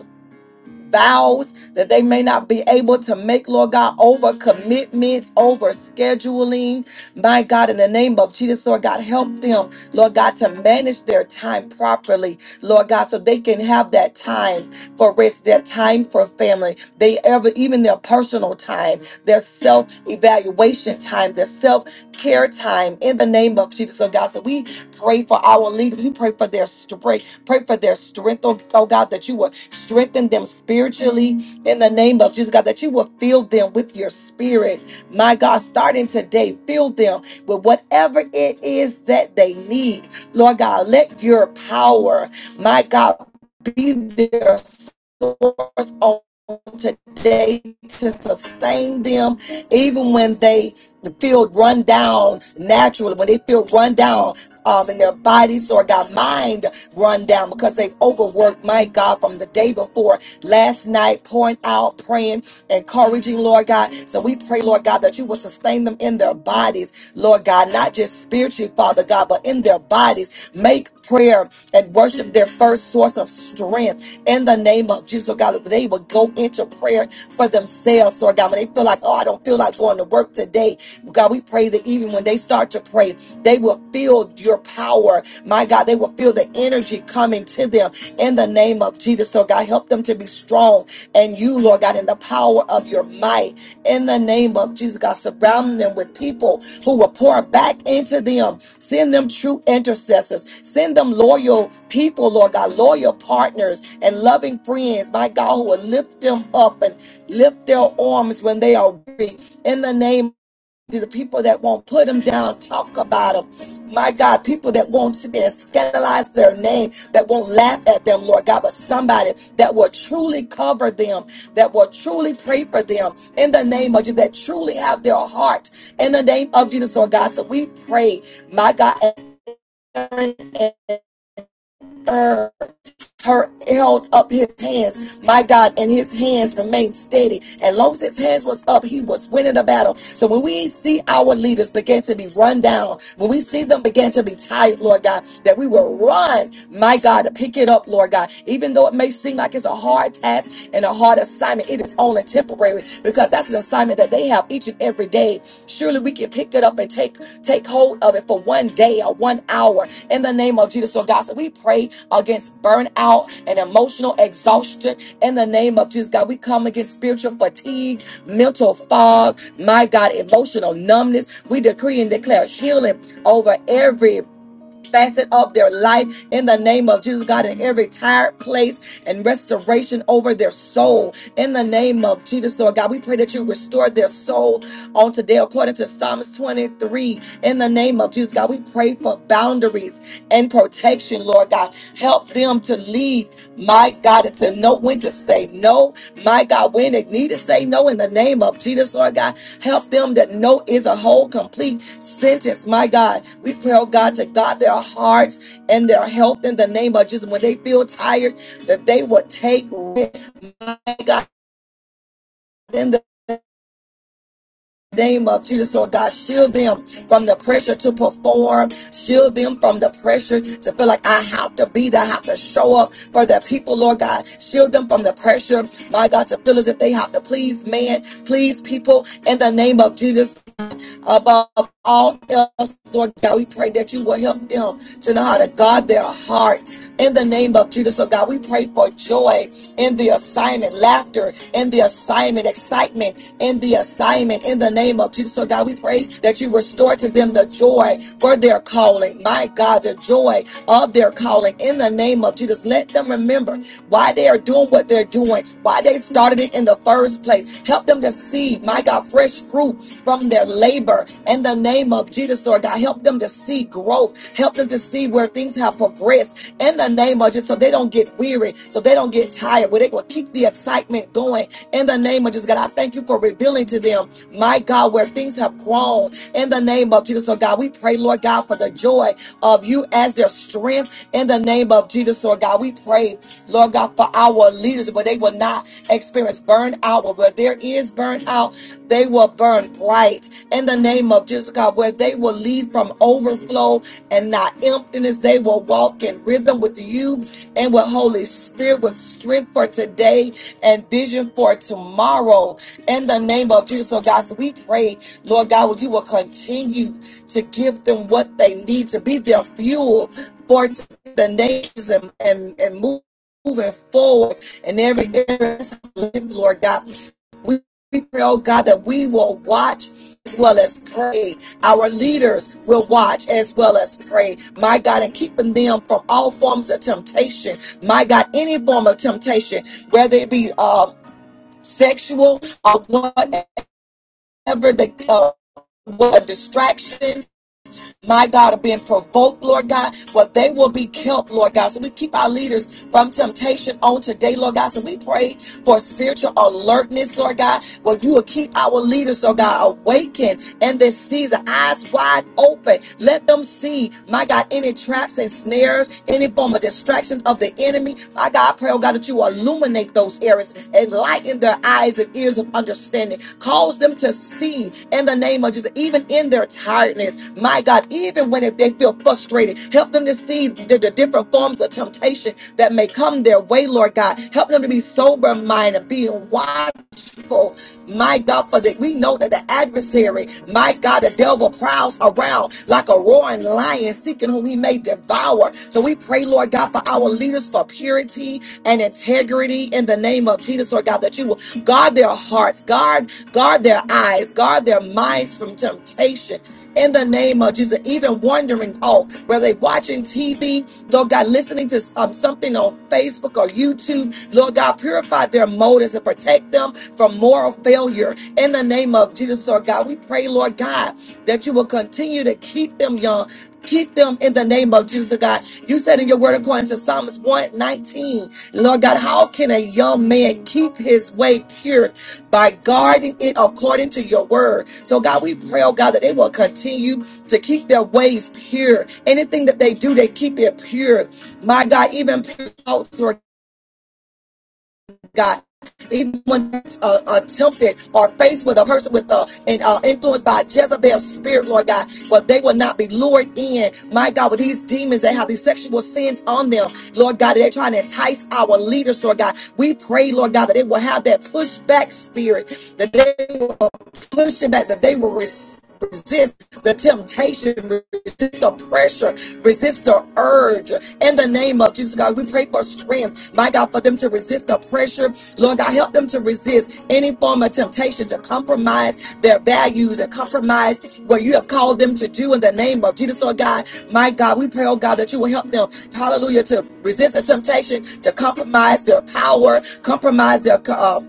[SPEAKER 1] vows that they may not be able to make, Lord God, over commitments, over scheduling. My God, in the name of Jesus, Lord God, help them, Lord God, to manage their time properly, Lord God, so they can have that time for rest, their time for family, they ever, even their personal time, their self evaluation time, their self care time in the name of Jesus, Lord God. So we pray for our leaders, we pray for their strength. Pray for their strength, oh, oh God, that you will strengthen them spiritually in the name of Jesus, God, that you will fill them with your spirit. My God, starting today, fill them with whatever it is that they need. Lord God, let your power, my God, be their source today to sustain them, even when they feel run down naturally, when they feel run down um, in their bodies or got mind run down because they've overworked, my God, from the day before, last night, pouring out, praying, encouraging, Lord God. So we pray, Lord God, that you will sustain them in their bodies, Lord God, not just spiritually, Father God, but in their bodies. Make prayer and worship their first source of strength in the name of Jesus, Lord God, they will go into prayer for themselves, Lord God. When they feel like, oh, I don't feel like going to work today, God, we pray that even when they start to pray, they will feel your power. My God, they will feel the energy coming to them in the name of Jesus, Lord God. Help them to be strong and you, Lord God, in the power of your might in the name of Jesus, God. Surround them with people who will pour back into them Send them true intercessors. Send them loyal people, Lord God, loyal partners and loving friends, my God, who will lift them up and lift their arms when they are weary. In the name to the people that won't put them down, talk about them. My God, people that won't sit there and scandalize their name, that won't laugh at them, Lord God, but somebody that will truly cover them, that will truly pray for them in the name of Jesus, that truly have their heart in the name of Jesus, Lord God. So we pray, my God, and her held up his hands, my God, and his hands remained steady. And long as his hands was up, he was winning the battle. So when we see our leaders begin to be run down, when we see them begin to be tired, Lord God, that we will run, my God, to pick it up, Lord God. Even though it may seem like it's a hard task and a hard assignment, it is only temporary because that's an assignment that they have each and every day. Surely we can pick it up and take Take hold of it for one day or one hour in the name of Jesus. So, God, so we pray against burnout and emotional exhaustion in the name of Jesus. God, we come against spiritual fatigue, mental fog, my God, emotional numbness. We decree and declare healing over every facet of their life in the name of Jesus, God, in every tired place and restoration over their soul in the name of Jesus, Lord God. We pray that you restore their soul on today according to Psalms 23 in the name of Jesus, God. We pray for boundaries and protection, Lord God. Help them to lead, my God, and to know when to say no, my God, when they need to say no in the name of Jesus, Lord God. Help them that know is a whole, complete sentence. My God, we pray, oh God, to God their hearts and their health in the name of Jesus. When they feel tired, that they would take rest, God in the name of Jesus. Oh God, shield them from the pressure to perform. Shield them from the pressure to feel like I have to be there. I have to show up for the people, Lord God. Shield them from the pressure, my God, to feel as if they have to please man, please people in the name of Jesus. above all else, Lord God. We pray that you will help them to know how to guard their hearts in the name of Jesus. So, God, we pray for joy in the assignment, laughter in the assignment, excitement in the assignment in the name of Jesus. So, God, we pray that you restore to them the joy for their calling. My God, the joy of their calling in the name of Jesus. Let them remember why they are doing what they're doing, why they started it in the first place. Help them to see, my God, fresh fruit from their labor in the name of Jesus, Lord God. Help them to see growth. Help them to see where things have progressed in the name of Jesus so they don't get weary, so they don't get tired, where they will keep the excitement going in the name of Jesus. God, I thank you for revealing to them, my God, where things have grown in the name of Jesus, Lord God. We pray, Lord God, for the joy of you as their strength in the name of Jesus, Lord God. We pray Lord God, for our leaders, but they will not experience burnout. Where there is burnout, they will burn bright in the name of Jesus, God, where they will lead from overflow and not emptiness. They will walk in rhythm with you and with Holy Spirit, with strength for today and vision for tomorrow. In the name of Jesus, so God, so we pray, Lord God, would you will continue to give them what they need to be their fuel for the nations and, and, and move moving forward in every area, of life, Lord God. We pray, oh God, that we will watch as well as pray. Our leaders will watch as well as pray, my God, and keeping them from all forms of temptation, my God, any form of temptation, whether it be uh, sexual or whatever the uh, what a distraction my God, are being provoked, Lord God, but they will be kept, Lord God. So we keep our leaders from temptation on today, Lord God. So we pray for spiritual alertness, Lord God. Well, you will keep our leaders, Lord God, awake, in this season. Eyes wide open. Let them see, my God, any traps and snares, any form of distraction of the enemy. My God, I pray, oh God, that you illuminate those areas, enlighten their eyes and ears of understanding. Cause them to see in the name of Jesus, even in their tiredness. My God, even when if they feel frustrated, help them to see the, the different forms of temptation that may come their way, Lord God. Help them to be sober minded, being wise grateful, my God, for that. We know that the adversary, my God, the devil prowls around like a roaring lion, seeking whom he may devour. So we pray, Lord God, for our leaders for purity and integrity in the name of Jesus, Lord God, that you will guard their hearts, guard, guard their eyes, guard their minds from temptation in the name of Jesus. Even wandering off, whether they're watching TV, Lord God, listening to um, something on Facebook or YouTube, Lord God, purify their motives and protect them from moral failure in the name of Jesus, Lord God. We pray, Lord God, that you will continue to keep them young. Keep them in the name of Jesus, God. You said in your word, according to Psalms 119, Lord God, how can a young man keep his way pure? by guarding it according to your word. So, God, we pray, oh God, that they will continue to keep their ways pure. Anything that they do, they keep it pure. My God, even pure thoughts, Lord God. Even when uh, uh, tempted or faced with a person with uh, and uh, influenced by Jezebel's spirit, Lord God, but they will not be lured in, my God, with these demons that have these sexual sins on them, Lord God, they're trying to entice our leaders, Lord God. We pray, Lord God, that they will have that pushback spirit, that they will push it back, that they will receive resist the temptation, resist the pressure, resist the urge. In the name of Jesus, God, we pray for strength, my God, for them to resist the pressure. Lord God, help them to resist any form of temptation to compromise their values and compromise what you have called them to do in the name of Jesus, oh God. My God, we pray, oh God, that you will help them, hallelujah, to resist the temptation to compromise their power, compromise their. uh,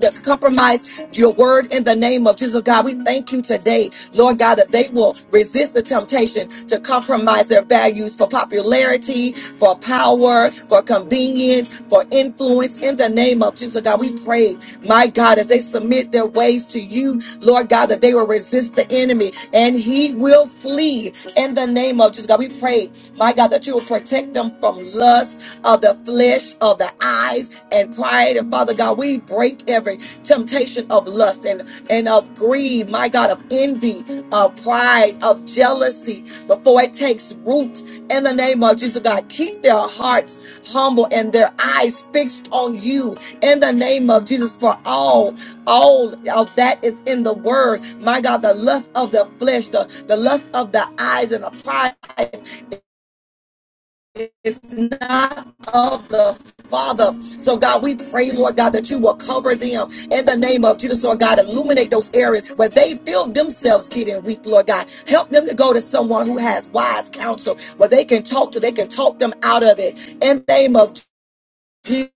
[SPEAKER 1] to compromise your word in the name of Jesus. God, we thank you today, Lord God, that they will resist the temptation to compromise their values for popularity, for power, for convenience, for influence in the name of Jesus. God, we pray, my God, as they submit their ways to you, Lord God, that they will resist the enemy and he will flee in the name of Jesus. God, we pray, my God, that you will protect them from lust of the flesh, of the eyes, and pride. And Father God, we break every temptation of lust and, and of greed, my God, of envy, of pride, of jealousy before it takes root in the name of Jesus. God, keep their hearts humble and their eyes fixed on you in the name of Jesus for all all of that is in the word my god the lust of the flesh the, the lust of the eyes and the pride is not of the Father. So, God, we pray, Lord God, that you will cover them in the name of Jesus, Lord God. Illuminate those areas where they feel themselves getting weak, Lord God. Help them to go to someone who has wise counsel where they can talk to, they can talk them out of it. In the name of people,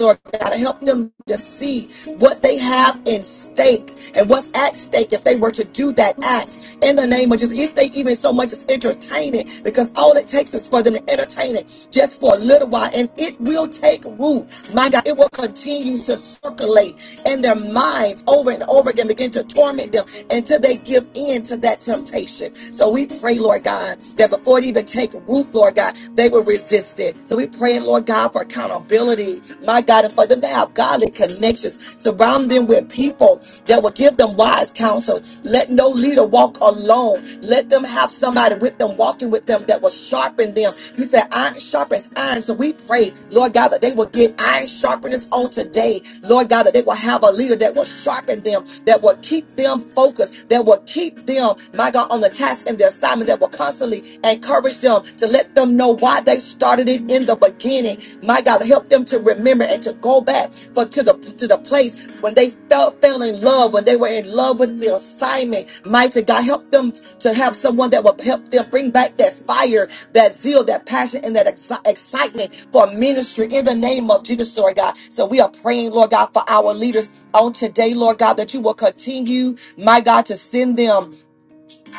[SPEAKER 1] Lord God, help them to see what they have in stake and what's at stake if they were to do that act in the name of Jesus. If they even so much as entertain it, because all it takes is for them to entertain it just for a little while, and it will take root. My God, it will continue to circulate in their minds over and over again, begin to torment them until they give in to that temptation. So we pray, Lord God, that before it even take root, Lord God, they will resist it. So we pray, Lord God, for accountability, my God, and for them to have godly connections. Surround them with people that will give them wise counsel. Let no leader walk alone. Let them have somebody God, with them, walking with them that will sharpen them. You said iron sharpens iron. So we pray, Lord God, that they will get iron sharpeners on today. Lord God, that they will have a leader that will sharpen them, that will keep them focused, that will keep them, my God, on the task and the assignment that will constantly encourage them to let them know why they started it in the beginning. My God, help them to remember and to go back but to the to the place when they felt fell in love when they were in love with the assignment mighty god help them to have someone that will help them bring back that fire that zeal that passion and that exci- excitement for ministry in the name of jesus lord god so we are praying lord god for our leaders on today lord god that you will continue my god to send them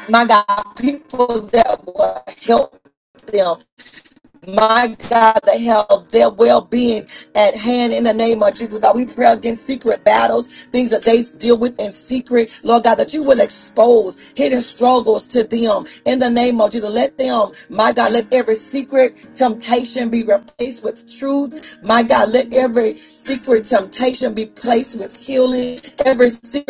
[SPEAKER 1] my god people that will help them my God, that held their well being at hand in the name of Jesus. God, we pray against secret battles, things that they deal with in secret. Lord God, that you will expose hidden struggles to them in the name of Jesus. Let them, my God, let every secret temptation be replaced with truth. My God, let every secret temptation be placed with healing. Every secret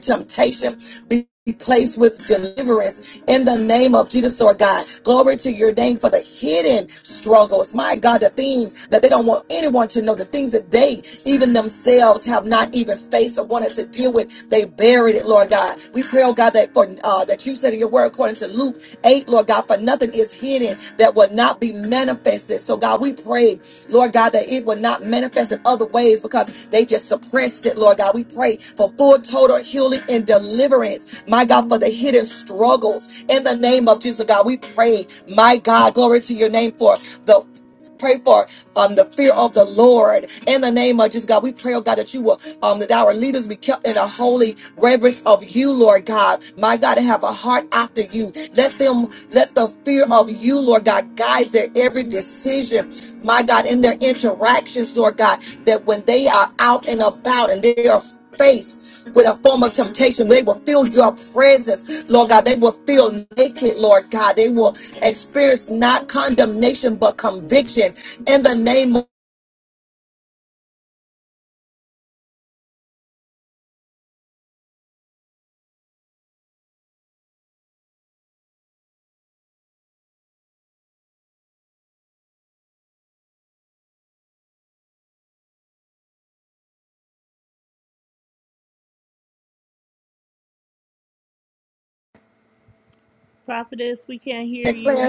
[SPEAKER 1] temptation be placed with deliverance in the name of Jesus, Lord God. Glory to your name for the hidden struggles. My God, the things that they don't want anyone to know, the things that they even themselves have not even faced or wanted to deal with. They buried it, Lord God. We pray, oh God, that for uh, that you said in your word according to Luke 8, Lord feet, Lord God, for nothing is hidden that will not be manifested. So, God, we pray, Lord God, that it will not manifest in other ways because they just suppressed it, Lord God. We pray for full total healing and deliverance, my God, for the hidden struggles in the name of Jesus, God. We pray, my God, glory to your name for the Pray for um, the fear of the Lord in the name of Jesus, God. We pray, oh God, that you will, um, that our leaders be kept in a holy reverence of you, Lord God. My God, to have a heart after you. Let them, let the fear of you, Lord God, guide their every decision, my God, in their interactions, Lord God, that when they are out and about and they are faced with a form of temptation. They will feel your presence, Lord God. They will feel naked, Lord God. They will experience not condemnation but conviction in the name of
[SPEAKER 3] Prophetess, we can't hear
[SPEAKER 1] declare.
[SPEAKER 3] you.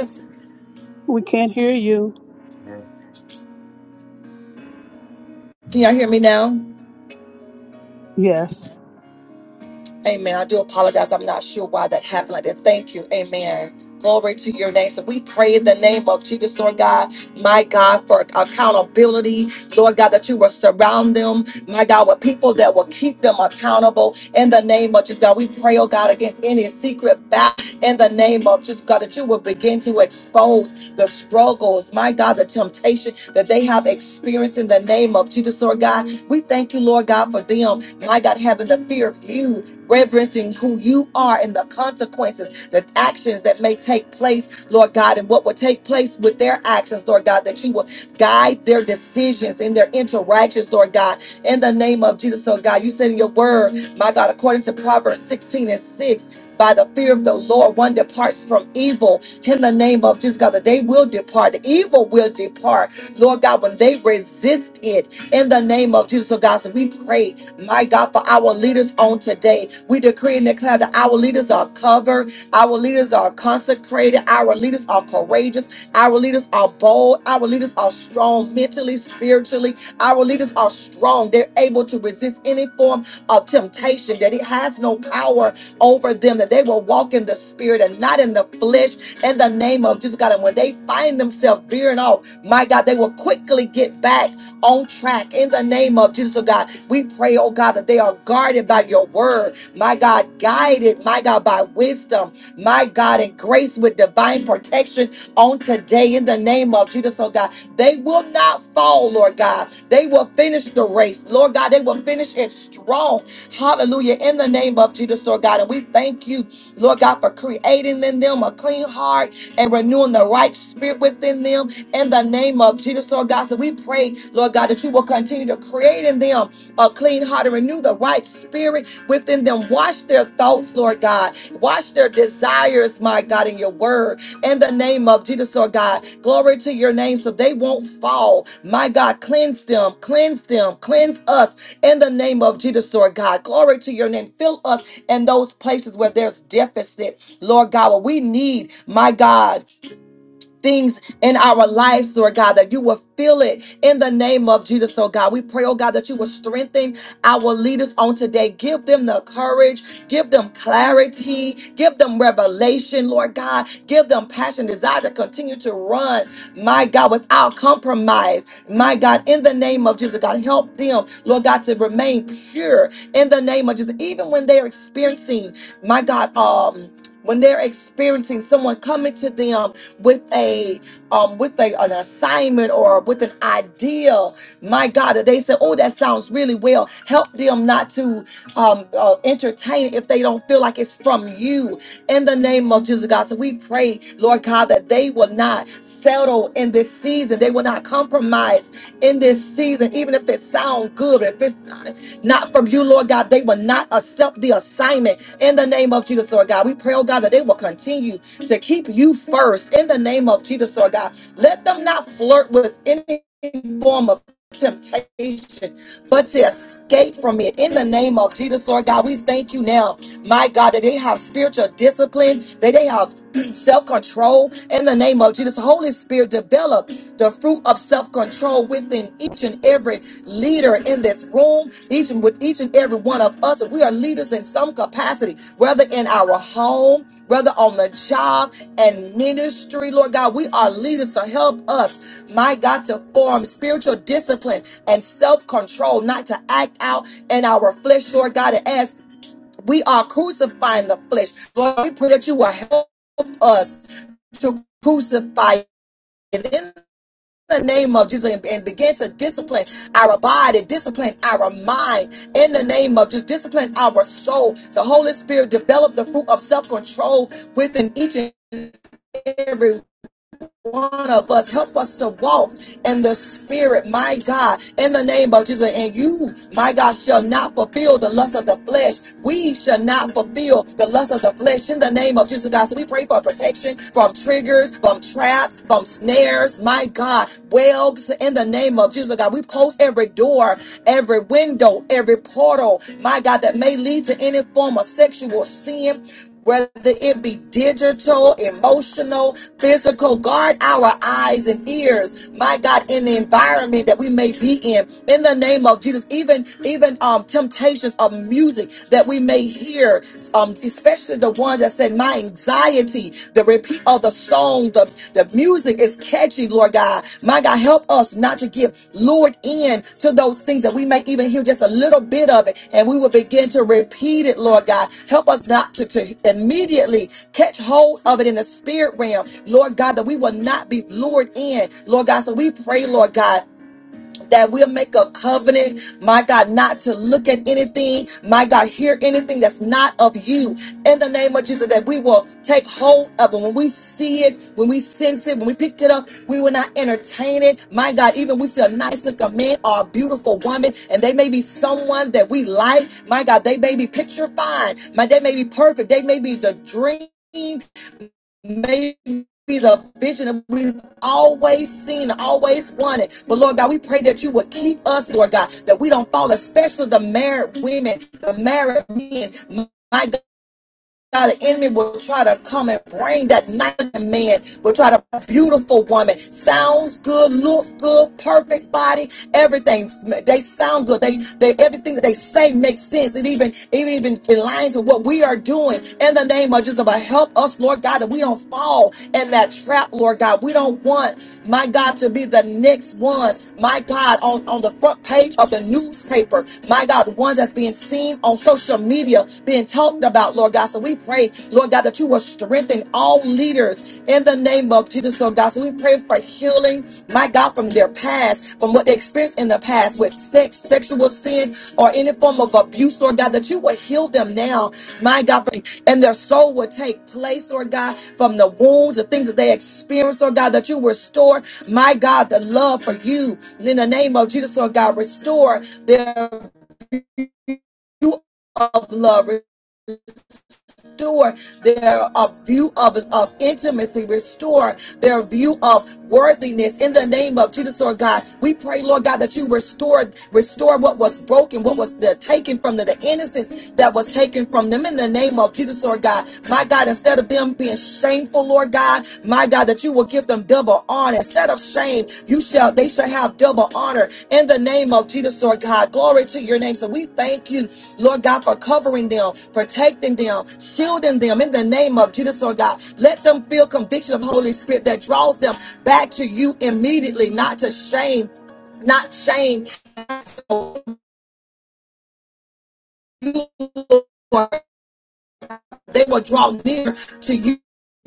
[SPEAKER 4] We can't hear you. Amen.
[SPEAKER 1] Can y'all hear me now?
[SPEAKER 4] Yes.
[SPEAKER 1] Amen. I do apologize. I'm not sure why that happened like that. Thank you. Amen. Glory to your name. So we pray in the name of Jesus, Lord God, my God, for accountability, Lord God, that you will surround them, my God, with people that will keep them accountable in the name of Jesus, God. We pray, oh God, against any secret back in the name of Jesus, God, that you will begin to expose the struggles, my God, the temptation that they have experienced in the name of Jesus, Lord God. We thank you, Lord God, for them, my God, having the fear of you reverencing who you are and the consequences, the actions that may take place, Lord God, and what will take place with their actions, Lord God, that you will guide their decisions and their interactions, Lord God, in the name of Jesus, Lord God. You said in your word, my God, according to Proverbs 16 and 6. By the fear of the Lord, one departs from evil in the name of Jesus, God, that they will depart. The evil will depart, Lord God, when they resist it in the name of Jesus, oh God. So we pray my God, for our leaders on today, we decree and declare that our leaders are covered, our leaders are consecrated, our leaders are courageous, our leaders are bold, our leaders are strong mentally, spiritually, our leaders are strong. They're able to resist any form of temptation, that it has no power over them, that they will walk in the spirit and not in the flesh in the name of Jesus, God. And when they find themselves veering off, my God, they will quickly get back on track in the name of Jesus, oh God. We pray, oh God, that they are guarded by your word, my God, guided, my God, by wisdom, my God, and grace with divine protection on today in the name of Jesus, oh God. They will not fall, Lord God. They will finish the race, Lord God. They will finish it strong, hallelujah, in the name of Jesus, Lord God. And we thank you, Lord God, for creating in them a clean heart and renewing the right spirit within them in the name of Jesus, Lord God. So we pray, Lord God, that you will continue to create in them a clean heart and renew the right spirit within them. Wash their thoughts, Lord God. Wash their desires, my God, in your word. In the name of Jesus, Lord God. Glory to your name so they won't fall. My God, cleanse them, cleanse them, cleanse us in the name of Jesus, Lord God. Glory to your name. Fill us in those places where there's deficit, Lord God, where we need, my God things in our lives, Lord God, that you will feel it in the name of Jesus, oh God. We pray, oh God, that you will strengthen our leaders on today. Give them the courage, give them clarity, give them revelation, Lord God. Give them passion, desire to continue to run, my God, without compromise, my God, in the name of Jesus, God. Help them, Lord God, to remain pure in the name of Jesus, even when they're experiencing, my God, um, when they're experiencing someone coming to them with a um with a, an assignment or with an idea my god that they say oh that sounds really well help them not to um uh, entertain it if they don't feel like it's from you in the name of jesus god so we pray lord god that they will not settle in this season they will not compromise in this season even if it sounds good if it's not not from you, Lord God. They will not accept the assignment in the name of Jesus, Lord God. We pray, oh God, that they will continue to keep you first in the name of Jesus, Lord God. Let them not flirt with any form of temptation, but to escape from it in the name of Jesus, Lord God. We thank you now, my God, that they have spiritual discipline, that they have self control in the name of Jesus. Holy Spirit, develop the fruit of self control within each and every leader in this room, each and with each and every one of us. we are leaders in some capacity, whether in our home, whether on the job and ministry. Lord God, we are leaders to help us, my God, to form spiritual discipline and self control, not to act out in our flesh, Lord God, and as we are crucifying the flesh. Lord, we pray that you will help us to crucify it in the name of Jesus and, and begin to discipline our body, discipline our mind in the name of just discipline our soul. The Holy Spirit develop the fruit of self-control within each and every one of us. Help us to walk in the spirit, my God, in the name of Jesus. And you, my God, shall not fulfill the lust of the flesh. We shall not fulfill the lust of the flesh in the name of Jesus, God. So we pray for protection from triggers, from traps, from snares, my God, webs in the name of Jesus, God. We close every door, every window, every portal, my God, that may lead to any form of sexual sin whether it be digital, emotional, physical. Guard our eyes and ears, my God, in the environment that we may be in. In the name of Jesus, even even um temptations of music that we may hear, um especially the ones that said my anxiety, the repeat of the song, the. The, the music is catchy, Lord God. My God, help us not to get lured in to those things that we may even hear just a little bit of it and we will begin to repeat it, Lord God. Help us not to, to immediately catch hold of it in the spirit realm, Lord God, that we will not be lured in, Lord God. So we pray, Lord God that we'll make a covenant, my God, not to look at anything, my God, hear anything that's not of you in the name of Jesus, that we will take hold of it. When we see it, when we sense it, when we pick it up, we will not entertain it. My God, even we see a nice looking man or a beautiful woman, and they may be someone that we like. My God, they may be picture fine. My, they may be perfect. They may be the dream maybe the vision that we've always seen, always wanted. But Lord God, we pray that you would keep us, Lord God, that we don't fall, especially the married women, the married men. My God. Now the enemy will try to come and bring that nice man, will try to bring a beautiful woman. Sounds good, looks good, perfect body, everything. They sound good. They they everything that they say makes sense. It even it even aligns with what we are doing in the name of Jesus. But help us, Lord God, that we don't fall in that trap, Lord God. We don't want my God to be the next one my God, on, on the front page of the newspaper, my God, one that's being seen on social media, being talked about, Lord God. So we pray, Lord God, that you will strengthen all leaders in the name of Jesus, Lord God. So we pray for healing, my God, from their past, from what they experienced in the past with sex, sexual sin, or any form of abuse, Lord God, that you would heal them now, my God, from- and their soul would take place, Lord God, from the wounds, the things that they experienced, Lord God, that you restore, my God, the love for you in the name of Jesus, Lord God, restore their view of love restore their uh, view of, of intimacy, restore their view of worthiness in the name of Jesus, Lord God. We pray, Lord God, that you restore, restore what was broken, what was the, taken from them, the innocence that was taken from them in the name of Jesus, Lord God. My God, instead of them being shameful, Lord God, my God, that you will give them double honor. Instead of shame, you shall they shall have double honor in the name of Jesus, Lord God. Glory to your name. So we thank you Lord God, for covering them, protecting them, shielding them in the name of Jesus, Lord God. Let them feel conviction of Holy Spirit that draws them back to you immediately, not to shame, not shame you, Lord. They will draw near to you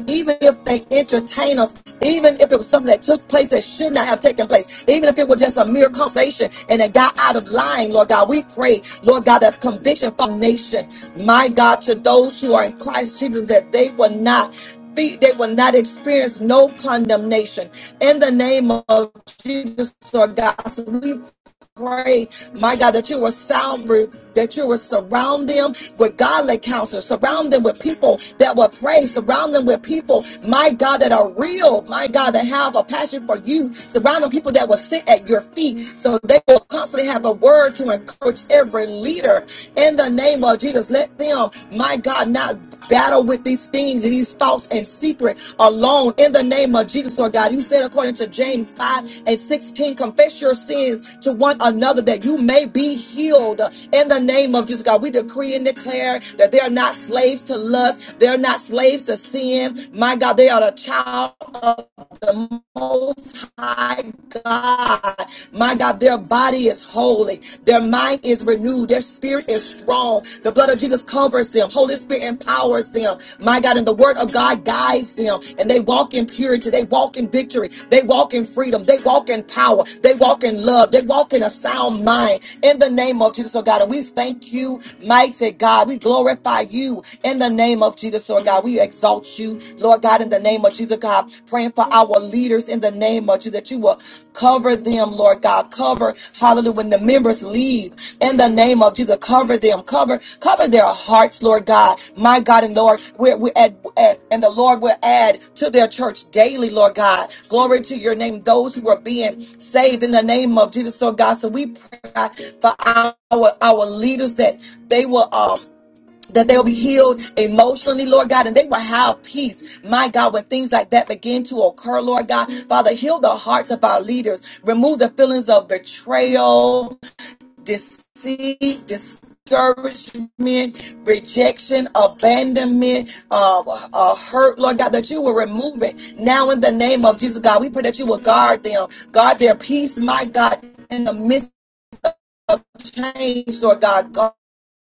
[SPEAKER 1] even if they entertain us, even if it was something that took place that should not have taken place, even if it was just a mere conversation and it got out of line, Lord God, we pray, Lord God, that conviction for our nation, my God, to those who are in Christ Jesus, that they will not be, they will not experience no condemnation. In the name of Jesus, Lord God, so we pray my God, that you will sound that you will surround them with godly counsel, surround them with people that will pray, surround them with people, my God, that are real, my God, that have a passion for you, surround them people that will sit at your feet so they will constantly have a word to encourage every leader in the name of Jesus. Let them, my God, not battle with these things and these thoughts and secret alone in the name of Jesus, Lord God. You said, according to James 5 and 16, confess your sins to one another that you may be healed in the name of Jesus, God. We decree and declare that they are not slaves to lust, they're not slaves to sin. My God, they are a child the Most High God. My God, their body is holy, their mind is renewed, their spirit is strong. The blood of Jesus covers them, Holy Spirit empowers them. My God, and the word of God guides them, and they walk in purity, they walk in victory, they walk in freedom, they walk in power, they walk in love, they walk in a sound mind in the name of Jesus, oh God. And we thank you, mighty God. We glorify you in the name of Jesus, oh God. We exalt exalt you, Lord God, in the name of Jesus, God. Praying for our leaders in the name of Jesus, that you will cover them, Lord God. Cover, hallelujah, when the members leave in the name of Jesus, cover them, cover, cover their hearts, Lord God. My God and Lord, we're, we're at, at- and the Lord will add to their church daily, Lord God. Glory to your name, those who are being saved in the name of Jesus, Lord God. So we pray God, for our our our leaders that they will. um that they'll be healed emotionally, Lord God, and they will have peace, my God, when things like that begin to occur, Lord God. Father, heal the hearts of our leaders, remove the feelings of betrayal, deceit, discouragement, rejection, abandonment, uh, uh, hurt, Lord God, that you will remove it now in the name of Jesus, God. We pray that you will guard them, guard their peace, my God, in the midst of change, Lord God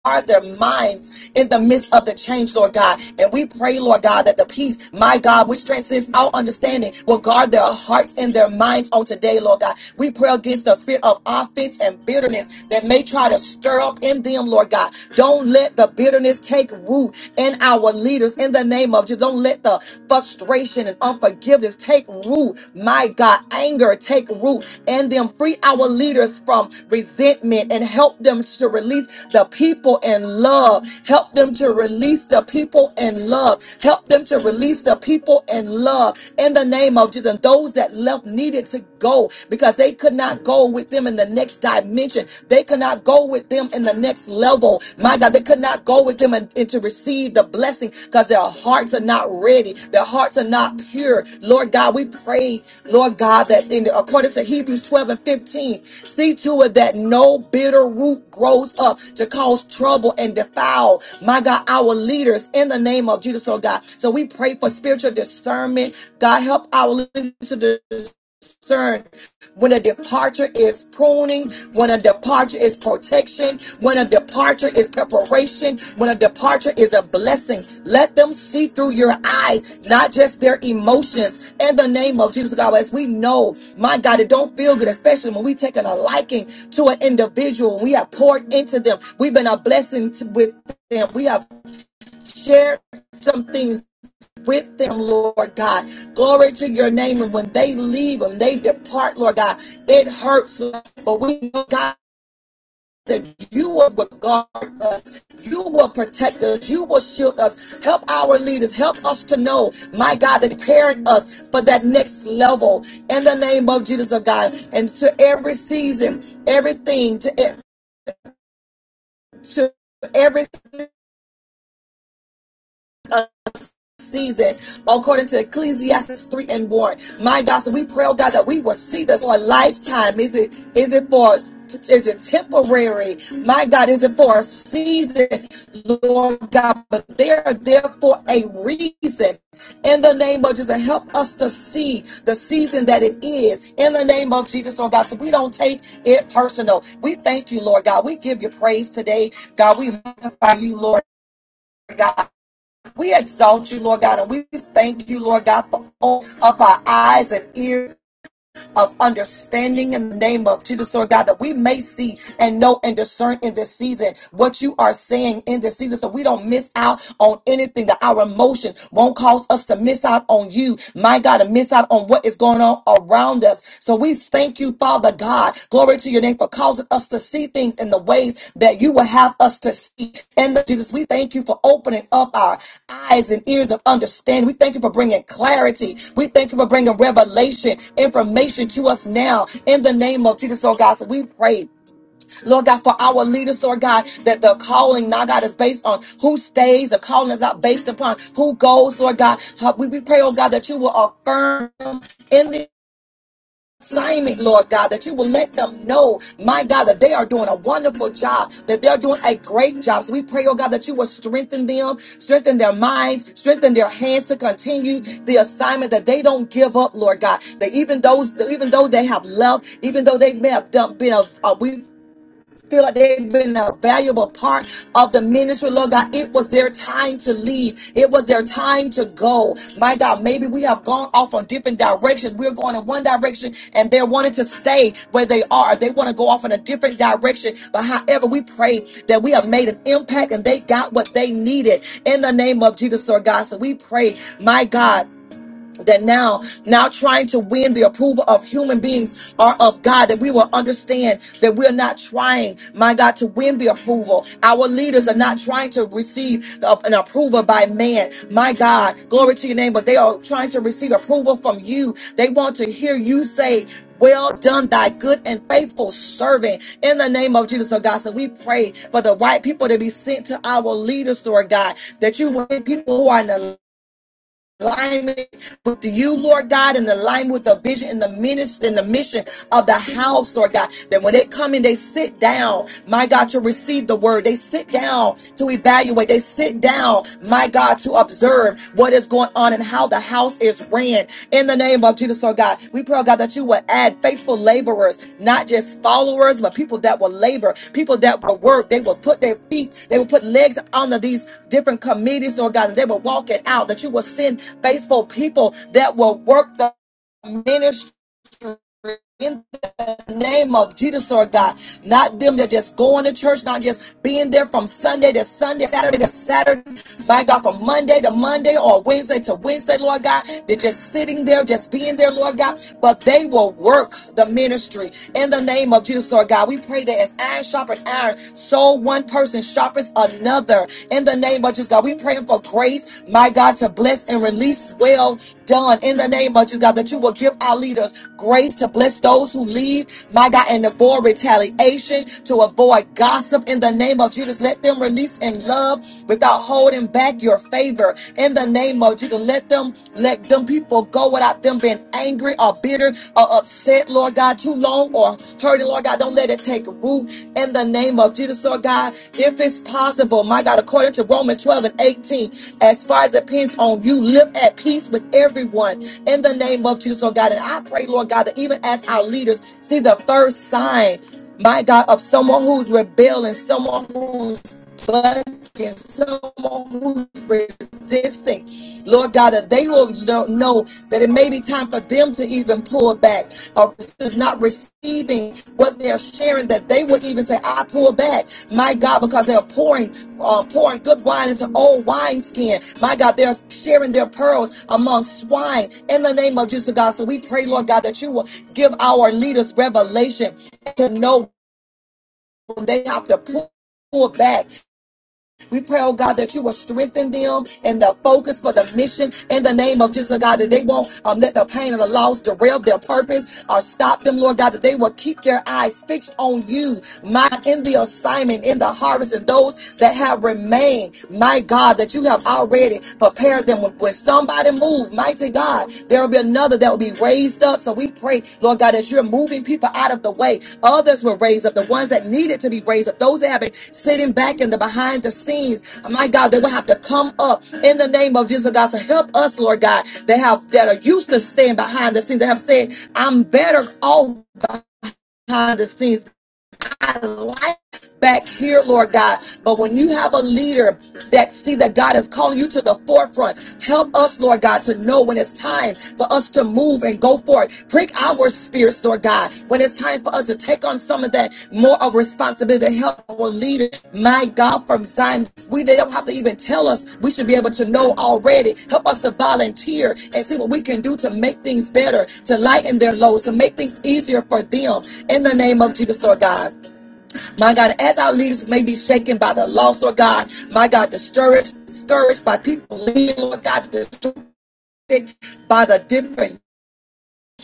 [SPEAKER 1] guard their minds in the midst of the change, Lord God. And we pray, Lord God, that the peace, my God, which transcends our understanding, will guard their hearts and their minds on today, Lord God. We pray against the spirit of offense and bitterness that may try to stir up in them, Lord God. Don't let the bitterness take root in our leaders in the name of Jesus. Don't let the frustration and unforgiveness take root, my God, anger take root in them. Free our leaders from resentment and help them to release the people in love. Help them to release the people in love. Help them to release the people in love. In the name of Jesus, and those that left needed to go because they could not go with them in the next dimension. They could not go with them in the next level. My God, they could not go with them and, and to receive the blessing because their hearts are not ready. Their hearts are not pure. Lord God, we pray, Lord God, that in according to Hebrews 12 and 15, see to it that no bitter root grows up to cause trouble and defile, my God, our leaders in the name of Jesus, oh God. So we pray for spiritual discernment. God, help our leaders to concern. When a departure is pruning, when a departure is protection, when a departure is preparation, when a departure is a blessing, let them see through your eyes, not just their emotions. In the name of Jesus, God, as we know, my God, it don't feel good, especially when we taking a liking to an individual we have poured into them. We've been a blessing to, with them. We have shared some things with them, Lord God. Glory to your name. And when they leave them, they depart, Lord God, it hurts. Lord. But we know, God, that you will regard us. You will protect us. You will shield us. Help our leaders. Help us to know, my God, that preparing us for that next level in the name of Jesus, oh God. And to every season, everything, to, to everything. uh, season according to ecclesiastes 3 and 1 my god so we pray oh god that we will see this for a lifetime is it is it for is it temporary my god is it for a season lord god but they are there for a reason in the name of jesus help us to see the season that it is in the name of jesus lord god so we don't take it personal we thank you lord god we give you praise today god we magnify you lord god we exalt you, Lord God, and we thank you, Lord God, for all of our eyes and ears of understanding in the name of Jesus, Lord God, that we may see and know and discern in this season what you are saying in this season so we don't miss out on anything, that our emotions won't cause us to miss out on you, my God, and miss out on what is going on around us. So we thank you, Father God. God. Glory to your name for causing us to see things in the ways that you will have us to see. And the Jesus, we thank you for opening up our eyes and ears of understanding. We thank you for bringing clarity. We thank you for bringing revelation, information to us now in the name of Jesus, oh God. So we pray. Lord God, for our leaders, Lord God, that the calling now, God, is based on who stays. The calling is not based upon who goes, Lord God. Huh, We we pray, oh God, that you will affirm in the assignment, Lord God, that you will let them know, my God, that they are doing a wonderful job, that they're doing a great job. So we pray, oh God, that you will strengthen them, strengthen their minds, strengthen their hands to continue the assignment that they don't give up, Lord God. That even those, even though they have left, even though they may have done been, uh, we feel like they've been a valuable part of the ministry, Lord God. It was their time to leave, it was their time to go. My God, maybe we have gone off on different directions. We're going in one direction and they're wanting to stay where they are. They want to go off in a different direction. But however, we pray that we have made an impact and they got what they needed in the name of Jesus, Lord God. So we pray, my God that now now trying to win the approval of human beings are of God that we will understand that we're not trying my God to win the approval our leaders are not trying to receive the- an approval by man my God glory to your name but they are trying to receive approval from you they want to hear you say well done, thy good and faithful servant. In the name of Jesus, oh God. So we pray for the right people to be sent to our leaders, Lord God, that you will people who are in alignment alignment with you, Lord God, in alignment with the vision and the ministry and the mission of the house, Lord God. That when they come in, they sit down, my God, to receive the word. They sit down to evaluate. They sit down, my God, to observe what is going on and how the house is ran. In the name of Jesus, Lord God, we pray, oh God, that you would add faithful laborers, not just followers, but people that will labor, people that will work. They will put their feet, they will put legs onto these different committees, Lord God, and they will walk it out, that you will send faithful people that will work the ministry. In the name of Jesus, Lord God, not them that just going to church, not just being there from Sunday to Sunday, Saturday to Saturday, my God, from Monday to Monday or Wednesday to Wednesday, Lord God. They're just sitting there, just being there, Lord God, but they will work the ministry in the name of Jesus, Lord God. We pray that as iron sharpens iron, so one person sharpens another another in the name of Jesus, God. We praying for grace, my God, to bless and release well done in the name of Jesus, God, that you will give our leaders grace to bless those who lead, my God, and avoid retaliation, to avoid gossip in the name of Jesus. Let them release in love without holding back your favor in the name of Jesus. Let them let them people people go without them being angry or bitter or upset, Lord God, too long or hurting, Lord God. Don't let it take root in the name of Jesus, Lord God. If it's possible, my God, according to Romans 12 and 18, as far as it depends on you, live at peace with everyone in the name of Jesus, Lord God. And I pray, Lord God, that even as our leaders see the first sign, my God, of someone who's rebelling, someone who's bucking, someone who's resisting. Lord God, that they will know that it may be time for them to even pull back or is not receiving what they're sharing, that they would even say, I pull back, my God, because they're pouring uh, pouring good wine into old wineskin. My God, they're sharing their pearls among swine in the name of Jesus, God. So we pray, Lord God, that you will give our leaders revelation to know when they have to pull pull back we pray, oh God, that you will strengthen them and the focus for the mission in the name of Jesus, oh God, that they won't um, let the pain and the loss derail their purpose or stop them, Lord God, that they will keep their eyes fixed on you, my in the assignment, in the harvest, and those that have remained, my God, that you have already prepared them. When, when somebody moves, Mighty God, there will be another that will be raised up. So we pray, Lord God, as you're moving people out of the way, others will raise up, the ones that needed to be raised up, those that have been sitting back in the behind the scenes. My God, they will have to come up in the name of Jesus, God. So help us, Lord God, that have that are used to staying behind the scenes, that have said, I'm better off behind the scenes my life back here, Lord God. But when you have a leader that see that God is calling you to the forefront, help us, Lord God, to know when it's time for us to move and go forward. Prick our spirits, Lord God, when it's time for us to take on some of that more of responsibility to help our leader. My God, from Zion, we they don't have to even tell us. We should be able to know already. Help us to volunteer and see what we can do to make things better, to lighten their loads, to make things easier for them. In the name of Jesus, Lord God. My God, as our leaders may be shaken by the loss, Lord God, my God, discouraged, discouraged by people leaving, Lord God, distracted by the different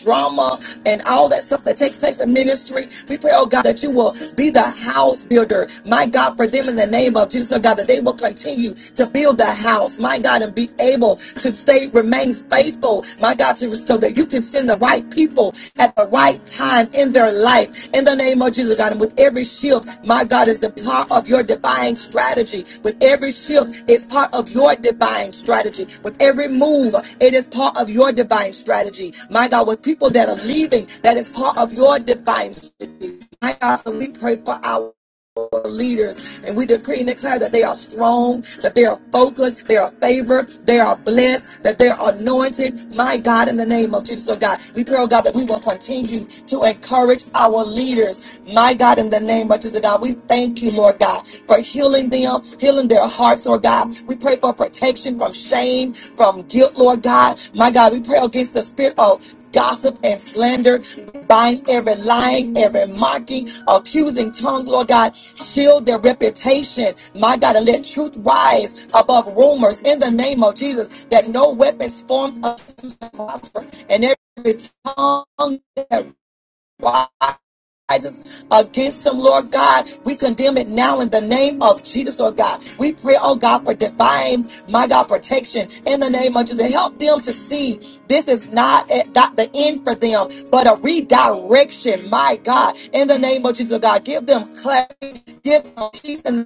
[SPEAKER 1] drama and all that stuff that takes place in ministry. We pray, oh God, that you will be the house builder, my God, for them in the name of Jesus, oh God, that they will continue to build the house, my God, and be able to stay, remain faithful, my God, to so that you can send the right people at the right time in their life life. In the name of Jesus, God, and with every shield, my God, is the part of your divine strategy. With every shield, it's part of your divine strategy. With every move, it is part of your divine strategy. My God, with people that are leaving, that is part of your divine strategy. My God, so we pray for our our leaders. And we decree and declare that they are strong, that they are focused, they are favored, they are blessed, that they are anointed. My God, in the name of Jesus, oh God, we pray, oh God, that we will continue to encourage our leaders. My God, in the name of Jesus, God, we thank you, Lord God, for healing them, healing their hearts, Lord God. We pray for protection from shame, from guilt, Lord God. My God, we pray against the spirit of gossip and slander. Bind every lying, every mocking, accusing tongue, Lord God. Shield their reputation, my God, and let truth rise above rumors in the name of Jesus, that no weapons formed against us shall prosper, and every tongue that rises rises against them, Lord God. We condemn it now in the name of Jesus, Lord God. We pray, oh God, for divine, my God, protection in the name of Jesus. Help them to see this is not, at- not the end for them, but a redirection, my God, in the name of Jesus, Lord God. Give them clarity, give them peace, in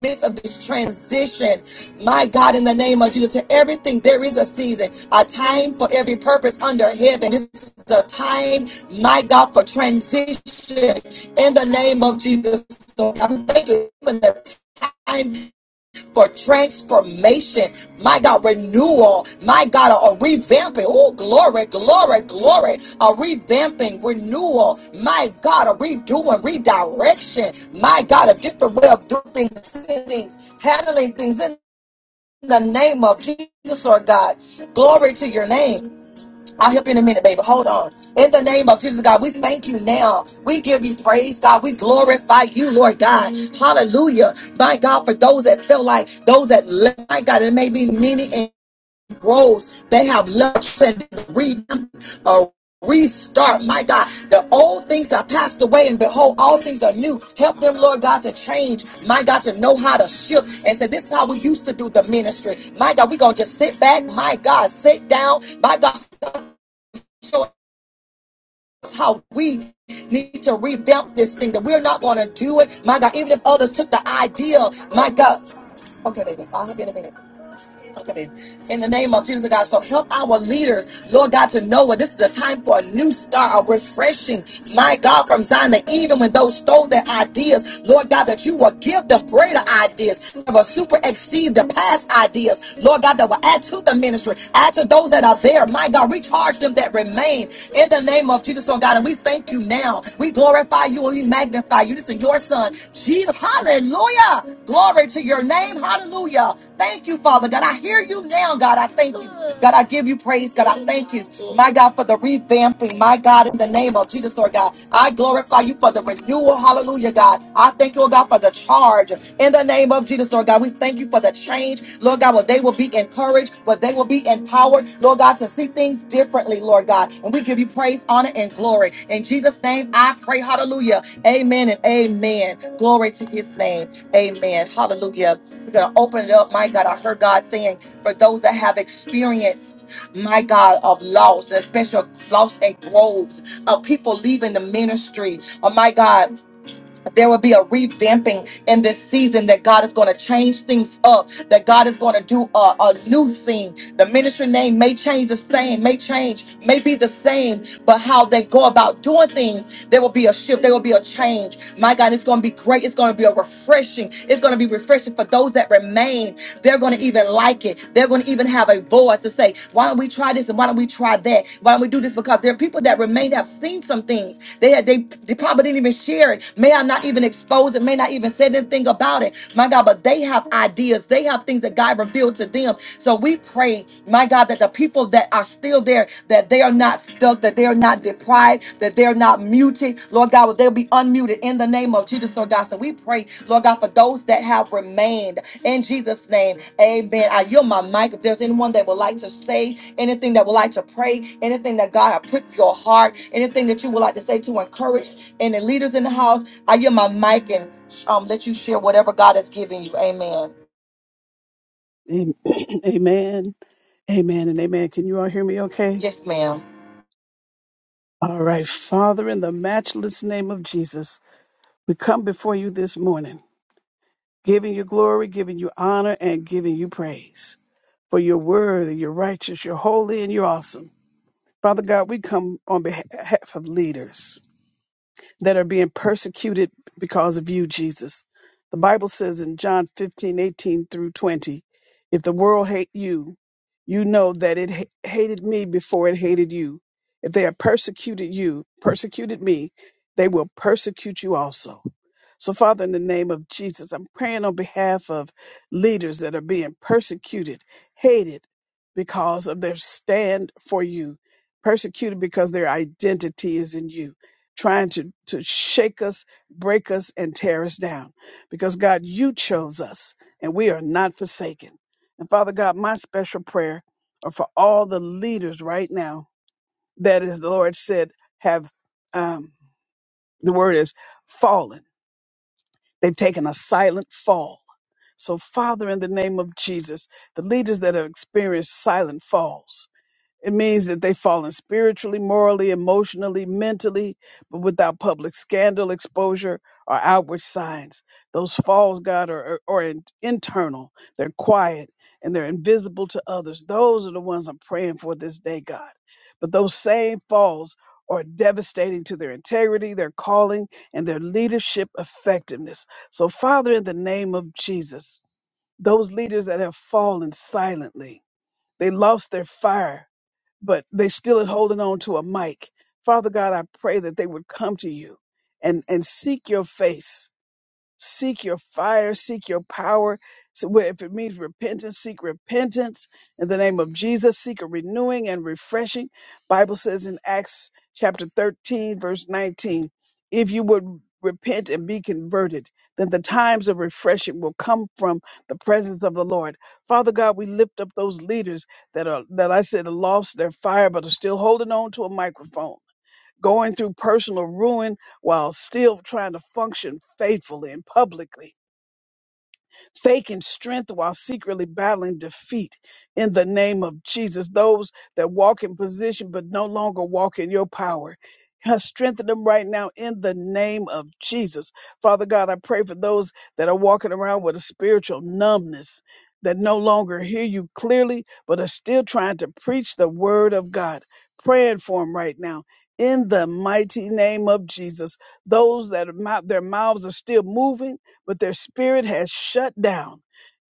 [SPEAKER 1] midst of this transition, my God, in the name of Jesus, to everything, there is a season, a time for every purpose under heaven. This is the time, my God, for transition in the name of Jesus. So I'm thanking you for the time for transformation, my God, renewal, my God, a, a revamping. Oh, glory, glory, glory, a revamping, renewal, my God, a redoing, redirection, my God, a different way of doing things, seeing things handling things in the name of Jesus, Lord God. Glory to your name. I'll help you in a minute, baby. Hold on. In the name of Jesus, God, we thank you now. We give you praise, God. We glorify you, Lord God. Hallelujah. My God, for those that feel like those that left, my God, it may be many and grows. They have left and re a restart. My God, the old things are passed away, and behold, all things are new. Help them, Lord God, to change. My God, to know how to shift and say, This is how we used to do the ministry. My God, we're gonna just sit back, my God, sit down, my God how we need to revamp this thing that we're not going to do it. My God, even if others took the idea, my God. Okay, baby, I'll have you in a minute. Okay, baby. In the name of Jesus, God, so help our leaders, Lord God, to know that this is a time for a new start, a refreshing, my God, from Zion, that even when those stole their ideas, Lord God, that you will give them greater ideas, that will super exceed the past ideas, Lord God, that will add to the ministry, add to those that are there, my God, recharge them that remain in the name of Jesus. Jesus, oh God. And we thank you now. We glorify you and we magnify you. This is your son, Jesus. Hallelujah. Glory to your name. Hallelujah. Thank you, Father God. I hear you now, God. I thank you. God, I give you praise. God, I thank you. My God, for the revamping. My God, in the name of Jesus, Lord God. I glorify you for the renewal. Hallelujah, God. I thank you, oh God, for the charge righteous. In the name of Jesus, Lord God, we thank you for the change, Lord God, where they will be encouraged, where they will be empowered, Lord God, to see things differently, Lord God. And we give you praise, honor, and glory. In Jesus' name, I pray. Hallelujah. Amen and amen. Glory to his name. Amen. Hallelujah. We're going to open it up. My God, I heard God saying, for those that have experienced, my God, of loss, especially loss and groves of people leaving the ministry. Oh, my God there will be a revamping in this season that God is going to change things up, that God is going to do a, a new thing. The ministry name may change the same, may change, may be the same, but how they go about doing things, there will be a shift, there will be a change. My God, it's going to be great. It's going to be a refreshing. It's going to be refreshing for those that remain. They're going to even like it. They're going to even have a voice to say, why don't we try this and why don't we try that? Why don't we do this? Because there are people that remain have seen some things. They had they, they probably didn't even share share it. May I not even expose it, may not even say anything about it. My God, but they have ideas, they have things that God revealed to them. So we pray, my God, that the people that are still there, that they are not stuck, that they are not deprived, that they're not muted. Lord God, that they'll be unmuted in the name of Jesus, Lord God. So we pray, Lord God, for those that have remained in Jesus' name. Amen. I yield my mic. If there's anyone that would like to say anything that would like to pray, anything that God have pricked your heart, anything that you would like to say to encourage and the leaders in the house, I hear my mic and um, let you share whatever God has given you. Amen.
[SPEAKER 4] Am- Amen. Amen and amen. Can you all hear me okay?
[SPEAKER 1] Yes, ma'am.
[SPEAKER 4] All right. Father, in the matchless name of Jesus, we come before you this morning, giving you glory, giving you honor, and giving you praise. For you're worthy, you're righteous, you're holy, and you're awesome. Father God, we come on behalf of leaders. that are being persecuted because of you, Jesus. The Bible says in John 15 18 through 20, if the world hate you, you know that it ha- hated me before it hated you. If they have persecuted you, persecuted me, they will persecute you also. So, Father, in the name of Jesus, I'm praying on behalf of leaders that are being persecuted, hated because of their stand for you, persecuted because their identity is in you trying to, to shake us, break us, and tear us down. Because God, you chose us and we are not forsaken. And Father God, my special prayer are for all the leaders right now that is the Lord said have um, the word is fallen. They've taken a silent fall. So Father, in the name of Jesus, the leaders that have experienced silent falls. It means that they've fallen spiritually, morally, emotionally, mentally, but without public scandal, exposure, or outward signs. Those falls, God, are, are, are in- internal. They're quiet and they're invisible to others. Those are the ones I'm praying for this day, God. But those same falls are devastating to their integrity, their calling, and their leadership effectiveness. So, Father, in the name of Jesus, those leaders that have fallen silently, they lost their fire but they still are holding on to a mic. Father God, I pray that they would come to you and, and seek your face seek your fire, seek your power. So where- if it means repentance, seek repentance in the name of Jesus. Seek a renewing and refreshing. Bible says in Acts chapter 13, verse 19, if you would repent and be converted, then the times of refreshing will come from the presence of the Lord. Father God, we lift up those leaders that are that I said lost their fire but are still holding on to a microphone going through personal ruin while still trying to function faithfully and publicly faking strength while secretly battling defeat in the name of Jesus. Those that walk in position but no longer walk in your power. God, Strengthen them right now in the name of Jesus. Father God, I pray for those that are walking around with a spiritual numbness that no longer hear you clearly, but are still trying to preach the word of God. Praying for them right now in the mighty name of Jesus. Those that are mou- their mouths are still moving but their spirit has shut down.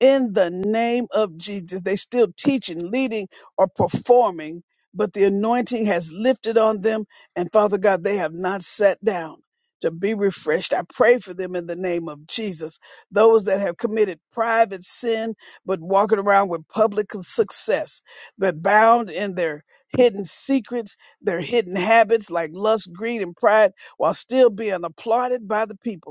[SPEAKER 4] In the name of Jesus, they still teaching, leading, or performing, but the anointing has lifted on them. And Father God, they have not sat down to be refreshed. I pray for them in the name of Jesus. Those that have committed private sin, but walking around with public success, but bound in their hidden secrets, their hidden habits like lust, greed, and pride, while still being applauded by the people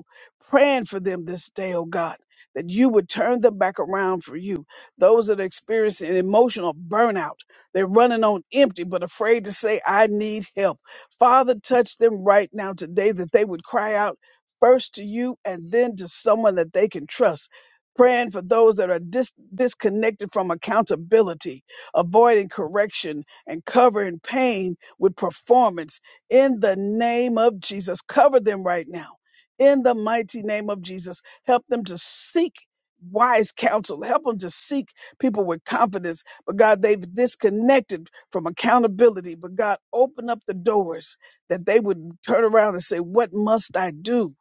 [SPEAKER 4] praying for them this day, oh God, that you would turn them back around for you. Those that are experiencing emotional burnout, they're running on empty, but afraid to say, I need help. Father, touch them right now today that they would cry out first to you and then to someone that they can trust. Praying for those that are dis- disconnected from accountability, avoiding correction and covering pain with performance in the name of Jesus. Cover them right now in the mighty name of Jesus. Help them to seek wise counsel. Help them to seek people with confidence. But God, they've disconnected from accountability. But God, open up the doors that they would turn around and say, What must I do?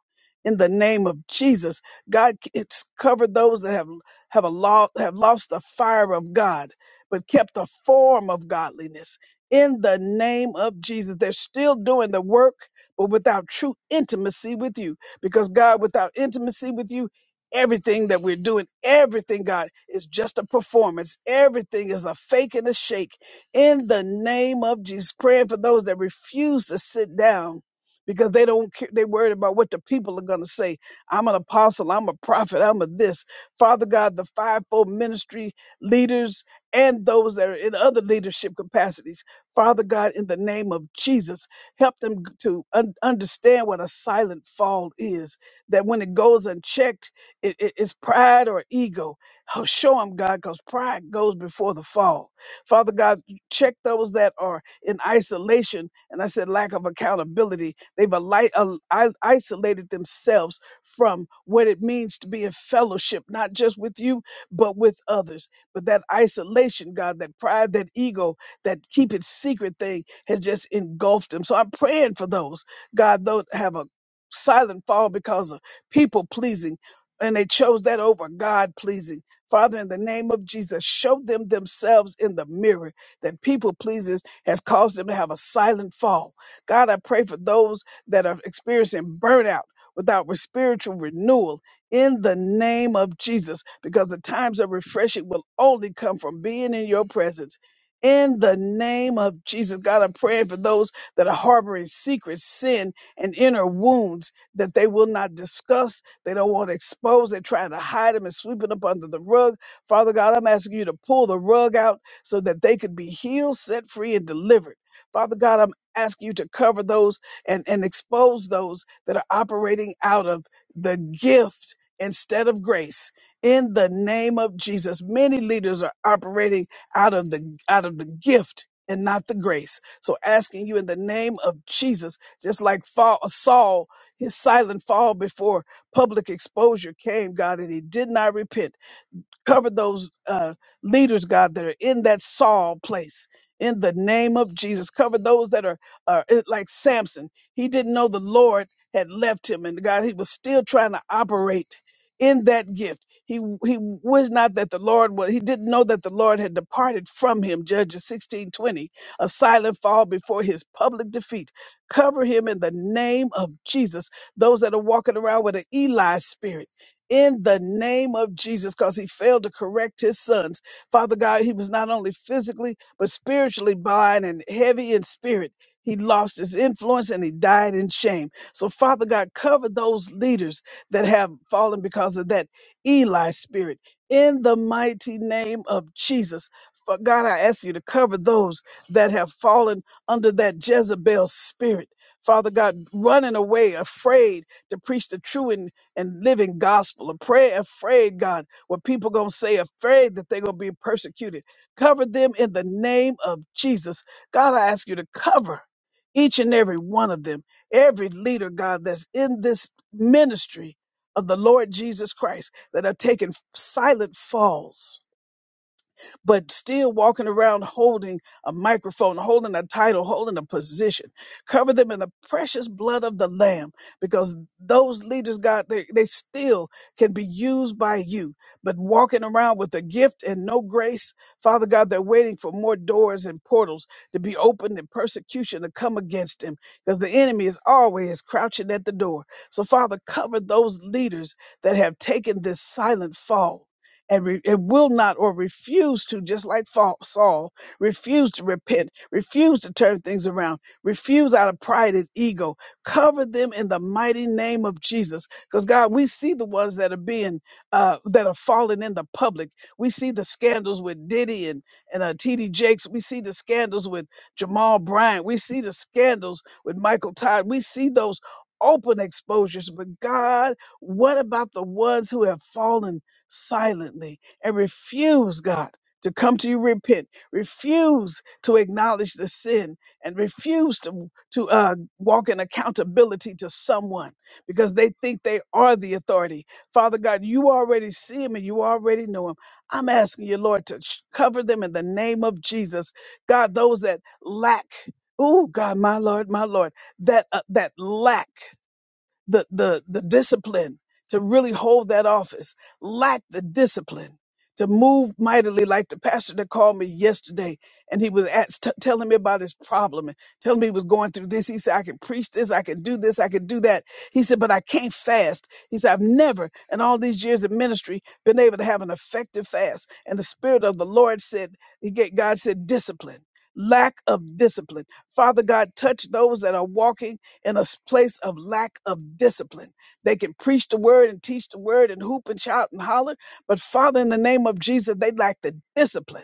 [SPEAKER 4] In the name of Jesus, God, it's covered those that have have a lost have lost the fire of God, but kept the form of godliness. In the name of Jesus, they're still doing the work, but without true intimacy with you. Because God, without intimacy with you, everything that we're doing, everything, God, is just a performance. Everything is a fake and a shake. In the name of Jesus, praying for those that refuse to sit down because they don't care. They're worried about what the people are going to say. I'm an apostle. I'm a prophet. I'm a this. Father God, the fivefold ministry leaders and those that are in other leadership capacities. Father God, in the name of Jesus. Help them g- to un- understand what a silent fall is, that when it goes unchecked, it- it- it's pride or ego. Oh, show them, God, because pride goes before the fall. Father God, check those that are in isolation. And I said lack of accountability. They've ali- al- i- isolated themselves from what it means to be in fellowship, not just with you, but with others. But that isolation, God, that pride, that ego, that keep it secret thing has just engulfed them. So I'm praying for those, God, those have a silent fall because of people pleasing. And they chose that over God pleasing. Father, in the name of Jesus, show them themselves in the mirror that people pleases has caused them to have a silent fall. God, I pray for those that are experiencing burnout without re- spiritual renewal in the name of Jesus, because the times of refreshing will only come from being in your presence. In the name of Jesus, God, I'm praying for those that are harboring secret sin and inner wounds that they will not discuss. They don't want to expose. They're trying to hide them and sweep it up under the rug. Father God, I'm asking you to pull the rug out so that they could be healed, set free, and delivered. Father God, I'm asking you to cover those and, and expose those that are operating out of the gift instead of grace. In the name of Jesus, many leaders are operating out of the out of the gift and not the grace. So asking you in the name of Jesus, just like fall, Saul, his silent fall before public exposure came, God, and he did not repent. Cover those uh, leaders, God, that are in that Saul place. In the name of Jesus, cover those that are uh, it- like Samson. He didn't know the Lord had left him, and God, he was still trying to operate in that gift. He he was not that the Lord was. He didn't know that the Lord had departed from him. Judges sixteen twenty, a silent fall before his public defeat. Cover him in the name of Jesus. Those that are walking around with an Eli spirit in the name of Jesus because he failed to correct his sons. Father God, he was not only physically, but spiritually blind and heavy in spirit. He lost his influence and he died in shame. So, Father God, cover those leaders that have fallen because of that Eli spirit in the mighty name of Jesus. For God, I ask you to cover those that have fallen under that Jezebel spirit. Father God, running away, afraid to preach the true and and living gospel and pray afraid, God, what people gonna say afraid that they're gonna be persecuted. Cover them in the name of Jesus. God, I ask you to cover each and every one of them, every leader, God, that's in this ministry of the Lord Jesus Christ that are taking silent falls but still walking around holding a microphone, holding a title, holding a position. Cover them in the precious blood of the Lamb because those leaders, God, they, they still can be used by you. But walking around with a gift and no grace, Father God, they're waiting for more doors and portals to be opened and persecution to come against them because the enemy is always crouching at the door. So, Father, cover those leaders that have taken this silent fall and re- it will not or refuse to, just like Fa- Saul, refuse to repent, refuse to turn things around, refuse out of pride and ego. Cover them in the mighty name of Jesus. Because God, we see the ones that are being, uh, that are falling in the public. We see the scandals with Diddy and, and uh, TD Jakes. We see the scandals with Jamal Bryant. We see the scandals with Michael Todd. We see those open exposures. But God, what about the ones who have fallen? silently and refuse, God, to come to you repent, refuse to acknowledge the sin, and refuse to, to uh, walk in accountability to someone because they think they are the authority. Father God, you already see them and you already know them. I'm asking you, Lord, to sh- cover them in the name of Jesus. God, those that lack, oh God, my Lord, my Lord, that uh, that lack the, the, the discipline to really hold that office, lack the discipline to move mightily, like the pastor that called me yesterday. And he was at, t- telling me about his problem and telling me he was going through this. He said, I can preach this, I can do this, I can do that. He said, but I can't fast. He said, I've never in all these years of ministry been able to have an effective fast. And the Spirit of the Lord said, he get, God said, discipline. Lack of discipline. Father God, touch those that are walking in a place of lack of discipline. They can preach the word and teach the word and hoop and shout and holler, but Father, in the name of Jesus, they lack the discipline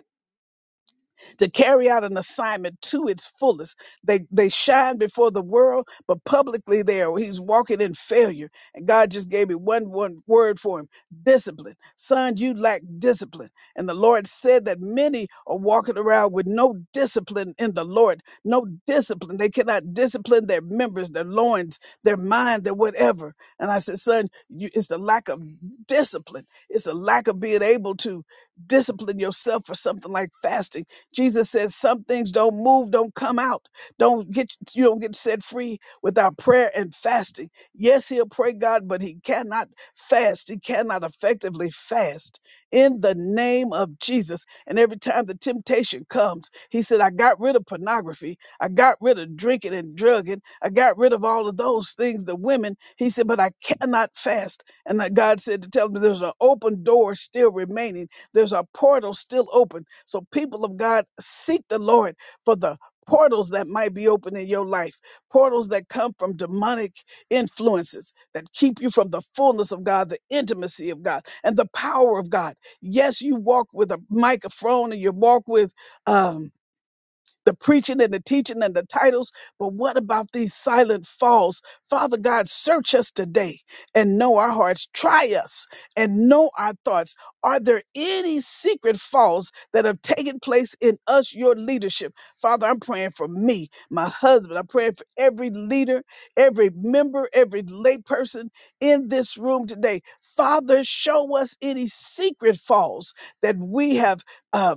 [SPEAKER 4] to carry out an assignment to its fullest. They they shine before the world, but publicly there he's walking in failure. And God just gave me one one word for him: discipline. Son, you lack discipline. And the Lord said that many are walking around with no discipline in the Lord, no discipline. They cannot discipline their members, their loins, their mind, their whatever. And I said, son, you, it's the lack of discipline. It's the lack of being able to discipline yourself for something like fasting Jesus says some things don't move, don't come out, don't get you don't get set free without prayer and fasting. Yes, he'll pray God, but he cannot fast. He cannot effectively fast in the name of Jesus. And every time the temptation comes, he said, I got rid of pornography, I got rid of drinking and drugging, I got rid of all of those things, the women. He said, but I cannot fast. And that God said to tell him there's an open door still remaining there's a portal still open. So, people of God, seek the Lord for the portals that might be open in your life, portals that come from demonic influences that keep you from the fullness of God, the intimacy of God, and the power of God. Yes, you walk with a microphone and you walk with. um the preaching and the teaching and the titles, but what about these silent falls? Father God, search us today and know our hearts. Try us and know our thoughts. Are there any secret falls that have taken place in us, your leadership? Father, I'm praying for me, my husband. I'm praying for every leader, every member, every layperson in this room today. Father, show us any secret falls that we have. uh,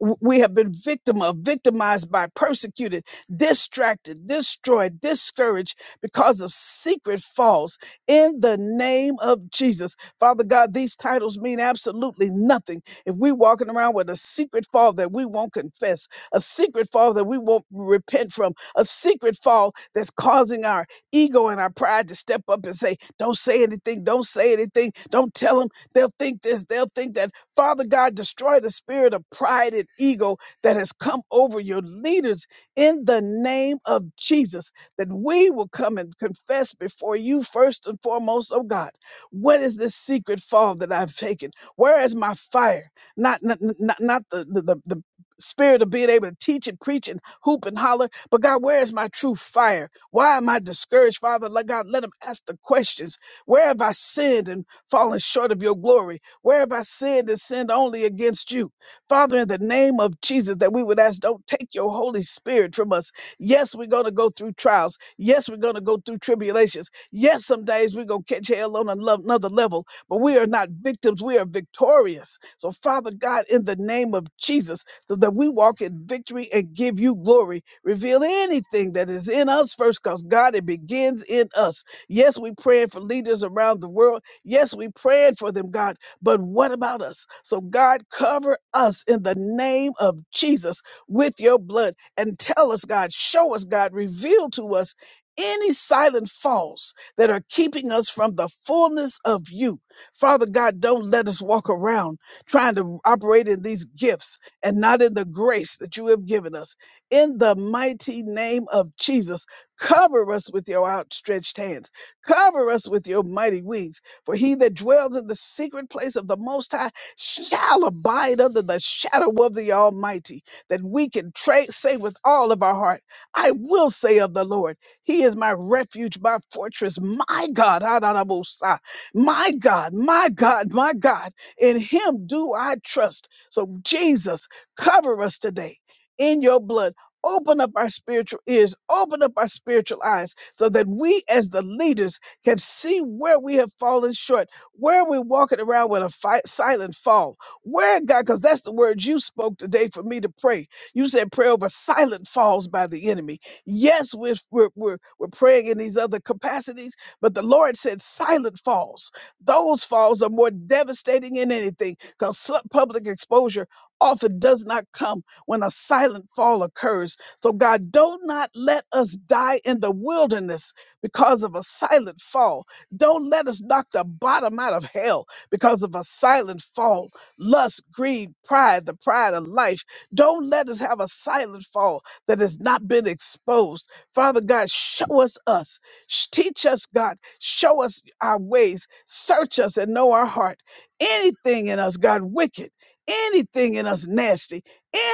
[SPEAKER 4] w- we have been victim of victimized by persecuted distracted destroyed discouraged because of secret faults in the name of jesus father god these titles mean absolutely nothing if we walking around with a secret fall that we won't confess a secret fall that we won't repent from a secret fall that's causing our ego and our pride to step up and say don't say anything don't say anything don't tell them they'll think this they'll think that Father God, destroy the spirit of pride and ego that has come over your leaders in the name of Jesus, that we will come and confess before you first and foremost, oh God, what is this secret fall that I've taken? Where is my fire? Not not not, not the, the the the spirit of being able to teach and preach and hoop and holler, but God, where is my true fire? Why am I discouraged, Father? Let God let him ask the questions. Where have I sinned and fallen short of your glory? Where have I sinned and sinned only against you? Father, in the name of Jesus, that we would ask, don't take your Holy Spirit from us. Yes, we're going to go through trials. Yes, we're going to go through tribulations. Yes, some days we're going to catch hell on anlo- another level, but we are not victims. We are victorious. So, Father God, in the name of Jesus, so that we walk in victory and give you glory. Reveal anything that is in us first, because God, it begins in us. Yes, we praying for leaders around the world. Yes, we praying for them, God. But what about us? So, God, cover us in the name of Jesus with your blood and tell us, God, show us, God, reveal to us any silent faults that are keeping us from the fullness of you. Father God, don't let us walk around trying to operate in these gifts and not in the grace that you have given us. In the mighty name of Jesus, cover us with your outstretched hands, cover us with your mighty wings. For he that dwells in the secret place of the Most High shall abide under the shadow of the Almighty, that we can tra- say with all of our heart, I will say of the Lord, He is my refuge, my fortress, my God, Adonabosai, my God, my God, my God. In Him do I trust. So, Jesus, cover us today in your blood. Open up our spiritual ears, open up our spiritual eyes, so that we, as the leaders, can see where we have fallen short, where we're walking around with a fi- silent fall. Where, God, because that's the word you spoke today for me to pray. You said pray over silent falls by the enemy. Yes, we're, we're, we're, we're praying in these other capacities, but the Lord said silent falls. Those falls are more devastating than anything because public exposure often does not come when a silent fall occurs. So, God, do not let us die in the wilderness because of a silent fall. Don't let us knock the bottom out of hell because of a silent fall. Lust, greed, pride, the pride of life. Don't let us have a silent fall that has not been exposed. Father God, show us us. Sh- Teach us, God. Show us our ways. Search us and know our heart. Anything in us, God, wicked. Anything in us nasty,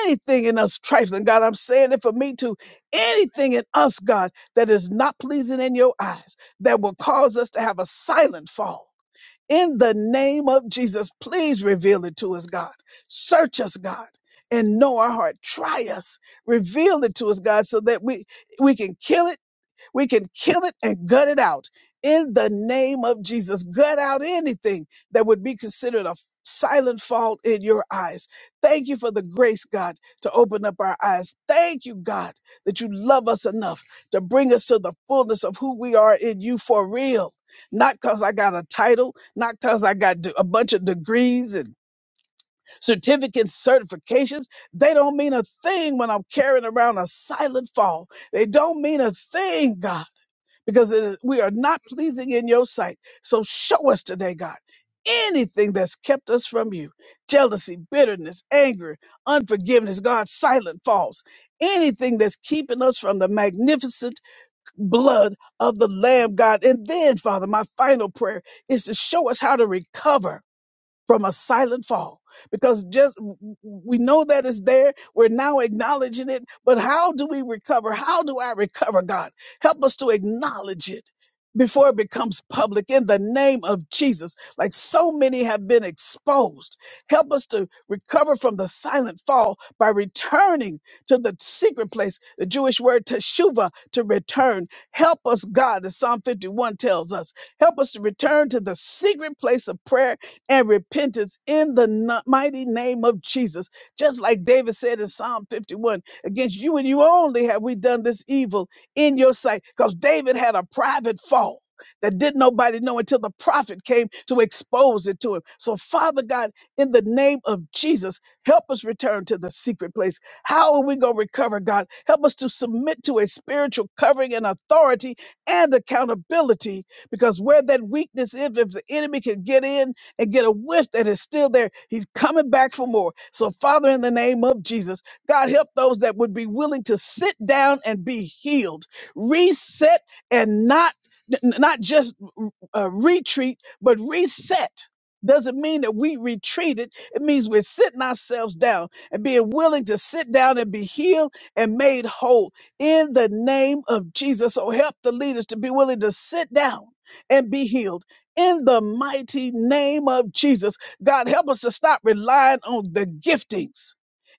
[SPEAKER 4] anything in us trifling, God, I'm saying it for me too. Anything in us, God that is not pleasing in your eyes, that will cause us to have a silent fall. In the name of Jesus, please reveal it to us, God. Search us, God, and know our heart. Try us. Reveal it to us, God, so that we, we can kill it we can kill it and gut it out in the name of Jesus. Gut out anything that would be considered a silent fault in your eyes. Thank you for the grace, God, to open up our eyes. Thank you, God, that you love us enough to bring us to the fullness of who we are in you for real. Not because I got a title, not because I got d- a bunch of degrees and certificates, certifications. They don't mean a thing when I'm carrying around a silent fall. They don't mean a thing, God because it is- we are not pleasing in your sight. So show us today, God, anything that's kept us from you jealousy, bitterness, anger, unforgiveness, God, silent falls, anything that's keeping us from the magnificent blood of the Lamb, God. And then, Father, my final prayer is to show us how to recover from a silent fall because just we know that it's there we're now acknowledging it but how do we recover how do i recover god help us to acknowledge it before it becomes public in the name of Jesus, like so many have been exposed. Help us to recover from the silent fall by returning to the secret place, the Jewish word teshuva, to return. Help us, God, as Psalm 51 tells us, help us to return to the secret place of prayer and repentance in the n- mighty name of Jesus. Just like David said in Psalm 51, against you and you only have we done this evil in your sight. Because David had a private fault that didn't nobody know until the prophet came to expose it to him. So, Father God, in the name of Jesus, help us return to the secret place. How are we going to recover, God? Help us to submit to a spiritual covering and authority and accountability because where that weakness is, if the enemy can get in, and get a wish that is still there. He's coming back for more. So, Father, in the name of Jesus, God, help those that would be willing to sit down and be healed, reset, and not n- not just uh, retreat, but reset. Doesn't mean that we retreated. It means we're sitting ourselves down and being willing to sit down and be healed and made whole in the name of Jesus. So help the leaders to be willing to sit down and be healed in the mighty name of Jesus. God, help us to stop relying on the giftings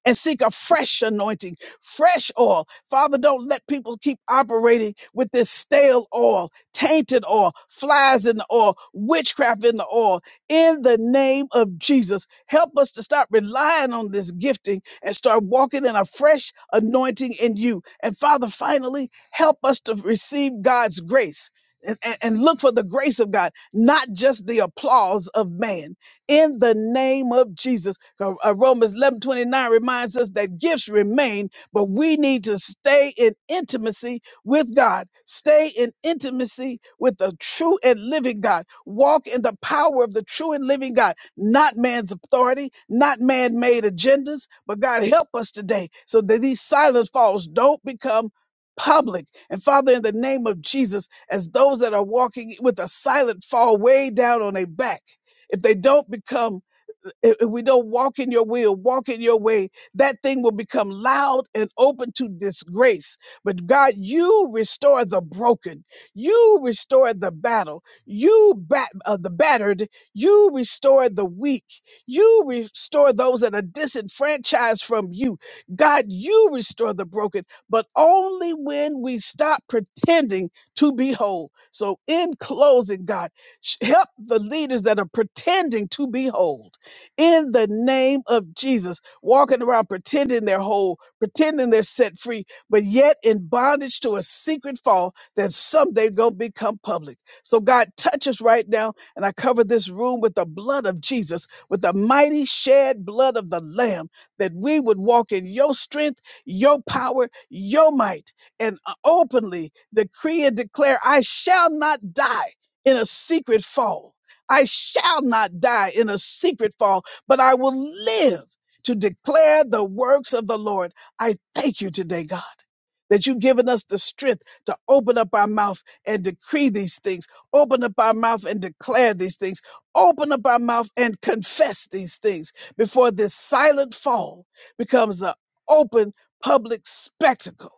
[SPEAKER 4] and seek a fresh anointing, fresh oil. Father, don't let people keep operating with this stale oil, tainted oil, flies in the oil, witchcraft in the oil. In the name of Jesus, help us to stop relying on this gifting and start walking in a fresh anointing in you. And Father, finally, help us to receive God's grace and, and and look for the grace of God not just the applause of man. In the name of Jesus, Uh, uh, Romans 11 29 reminds us that gifts remain, but we need to stay in intimacy with God, stay in intimacy with the true and living God, walk in the power of the true and living God, not man's authority, not man made agendas. But God, help us today so that these silent falls don't become public. And Father, in the name of Jesus, as those that are walking with a silent fall way down on their back. If they don't become, if if we don't walk in your will, walk in your way, that thing will become loud and open to disgrace. But God, you restore the broken, you restore the battle, you bat uh, the battered, you restore the weak, you restore those that are disenfranchised from you. God, you restore the broken, but only when we stop pretending to be whole. So, in closing, God, sh- help the leaders that are pretending to be whole in the name of Jesus, walking around pretending they're whole, pretending they're set free, but yet in bondage to a secret fall that someday gonna become public. So, God, touch us right now. And I cover this room with the blood of Jesus, with the mighty shed blood of the Lamb, that we would walk in your strength, your power, your might and uh, openly decree and declare, I shall not die in a secret fall. I shall not die in a secret fall, but I will live to declare the works of the Lord. I thank you today, God, that you've given us the strength to open up our mouth and decree these things, open up our mouth and declare these things, open up our mouth and confess these things before this silent fall becomes an open public spectacle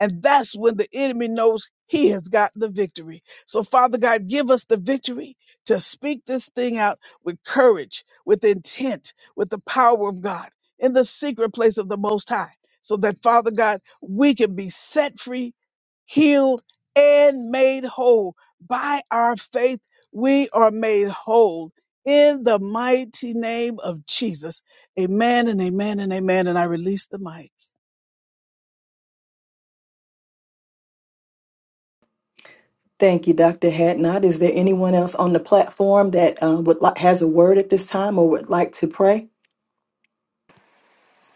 [SPEAKER 4] and that's when the enemy knows he has got the victory. So, Father God, give us the victory to speak this thing out with courage, with intent, with the power of God in the secret place of the Most High, so that, Father God, we can be set free, healed, and made whole. By our faith, we are made whole in the mighty name of Jesus. Amen and amen and amen. And I release the mic.
[SPEAKER 2] Thank you, Dr. Hatnot. Is there anyone else on the platform that uh, would li- has a word at this time or would like to pray?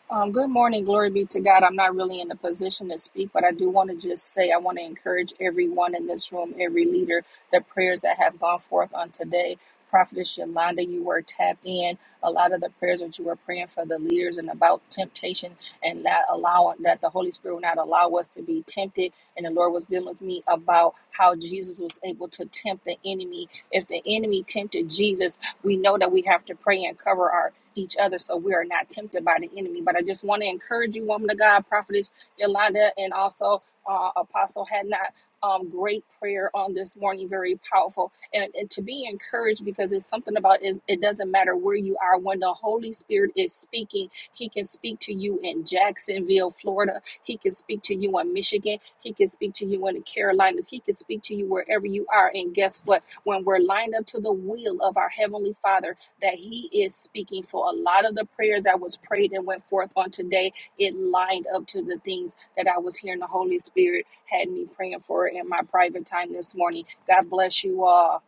[SPEAKER 5] Um, good morning. Glory be to God. I'm not really in a position to speak, but I do want to just say I want to encourage everyone in this room, every leader, the prayers that have gone forth on today. Prophetess Yolanda, you were tapped in. A lot of the prayers that you were praying for the leaders and about temptation and not allowing that the Holy Spirit will not allow us to be tempted. And the Lord was dealing with me about how Jesus was able to tempt the enemy. If the enemy tempted Jesus, we know that we have to pray and cover our each other so we are not tempted by the enemy. But I just want to encourage you, woman of God, prophetess Yolanda, and also uh, Apostle had not um, great prayer on this morning, very powerful, and, and to be encouraged because it's something about is it doesn't matter where you are when the Holy Spirit is speaking, He can speak to you in Jacksonville, Florida. He can speak to you in Michigan. He can speak to you in the Carolinas. He can speak to you wherever you are. And guess what? when we're lined up to the will of our Heavenly Father, that He is speaking. So, a lot of the prayers that was prayed and went forth on today, it lined up to the things that I was hearing the Holy Spirit had me praying for in my private time this morning. God bless you all.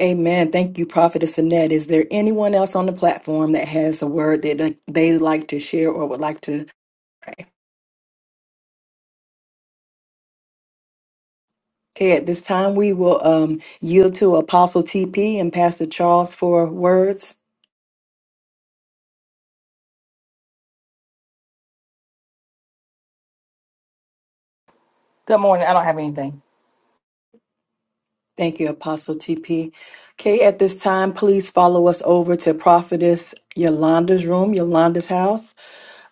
[SPEAKER 2] Amen. Thank you, Prophetess Annette. Is there anyone else on the platform that has a word that uh, they- they'd like to share or would like to pray? Okay, at this time, we will um, yield to Apostle TP and Pastor Charles for words.
[SPEAKER 6] Good morning. I don't have anything.
[SPEAKER 2] Thank you, Apostle TP. Okay, at this time, please follow us over to Prophetess Yolanda's room, Yolanda's house.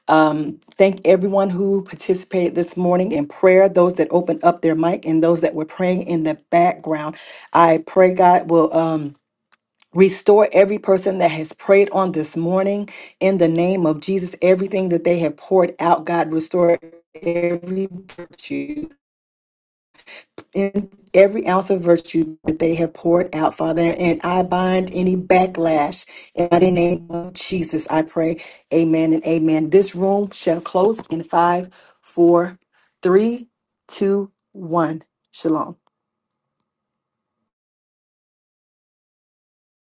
[SPEAKER 2] Um, thank everyone who participated this morning in prayer, those that opened up their mic, and those that were praying in the background. I pray God will um, restore every person that has prayed on this morning in the name of Jesus. Everything that they have poured out, God, restore every virtue in every ounce of virtue that they have poured out, Father. And I bind any backlash in the name of Jesus. I pray, Amen and Amen. This room shall close in five, four, three, two, one. Shalom.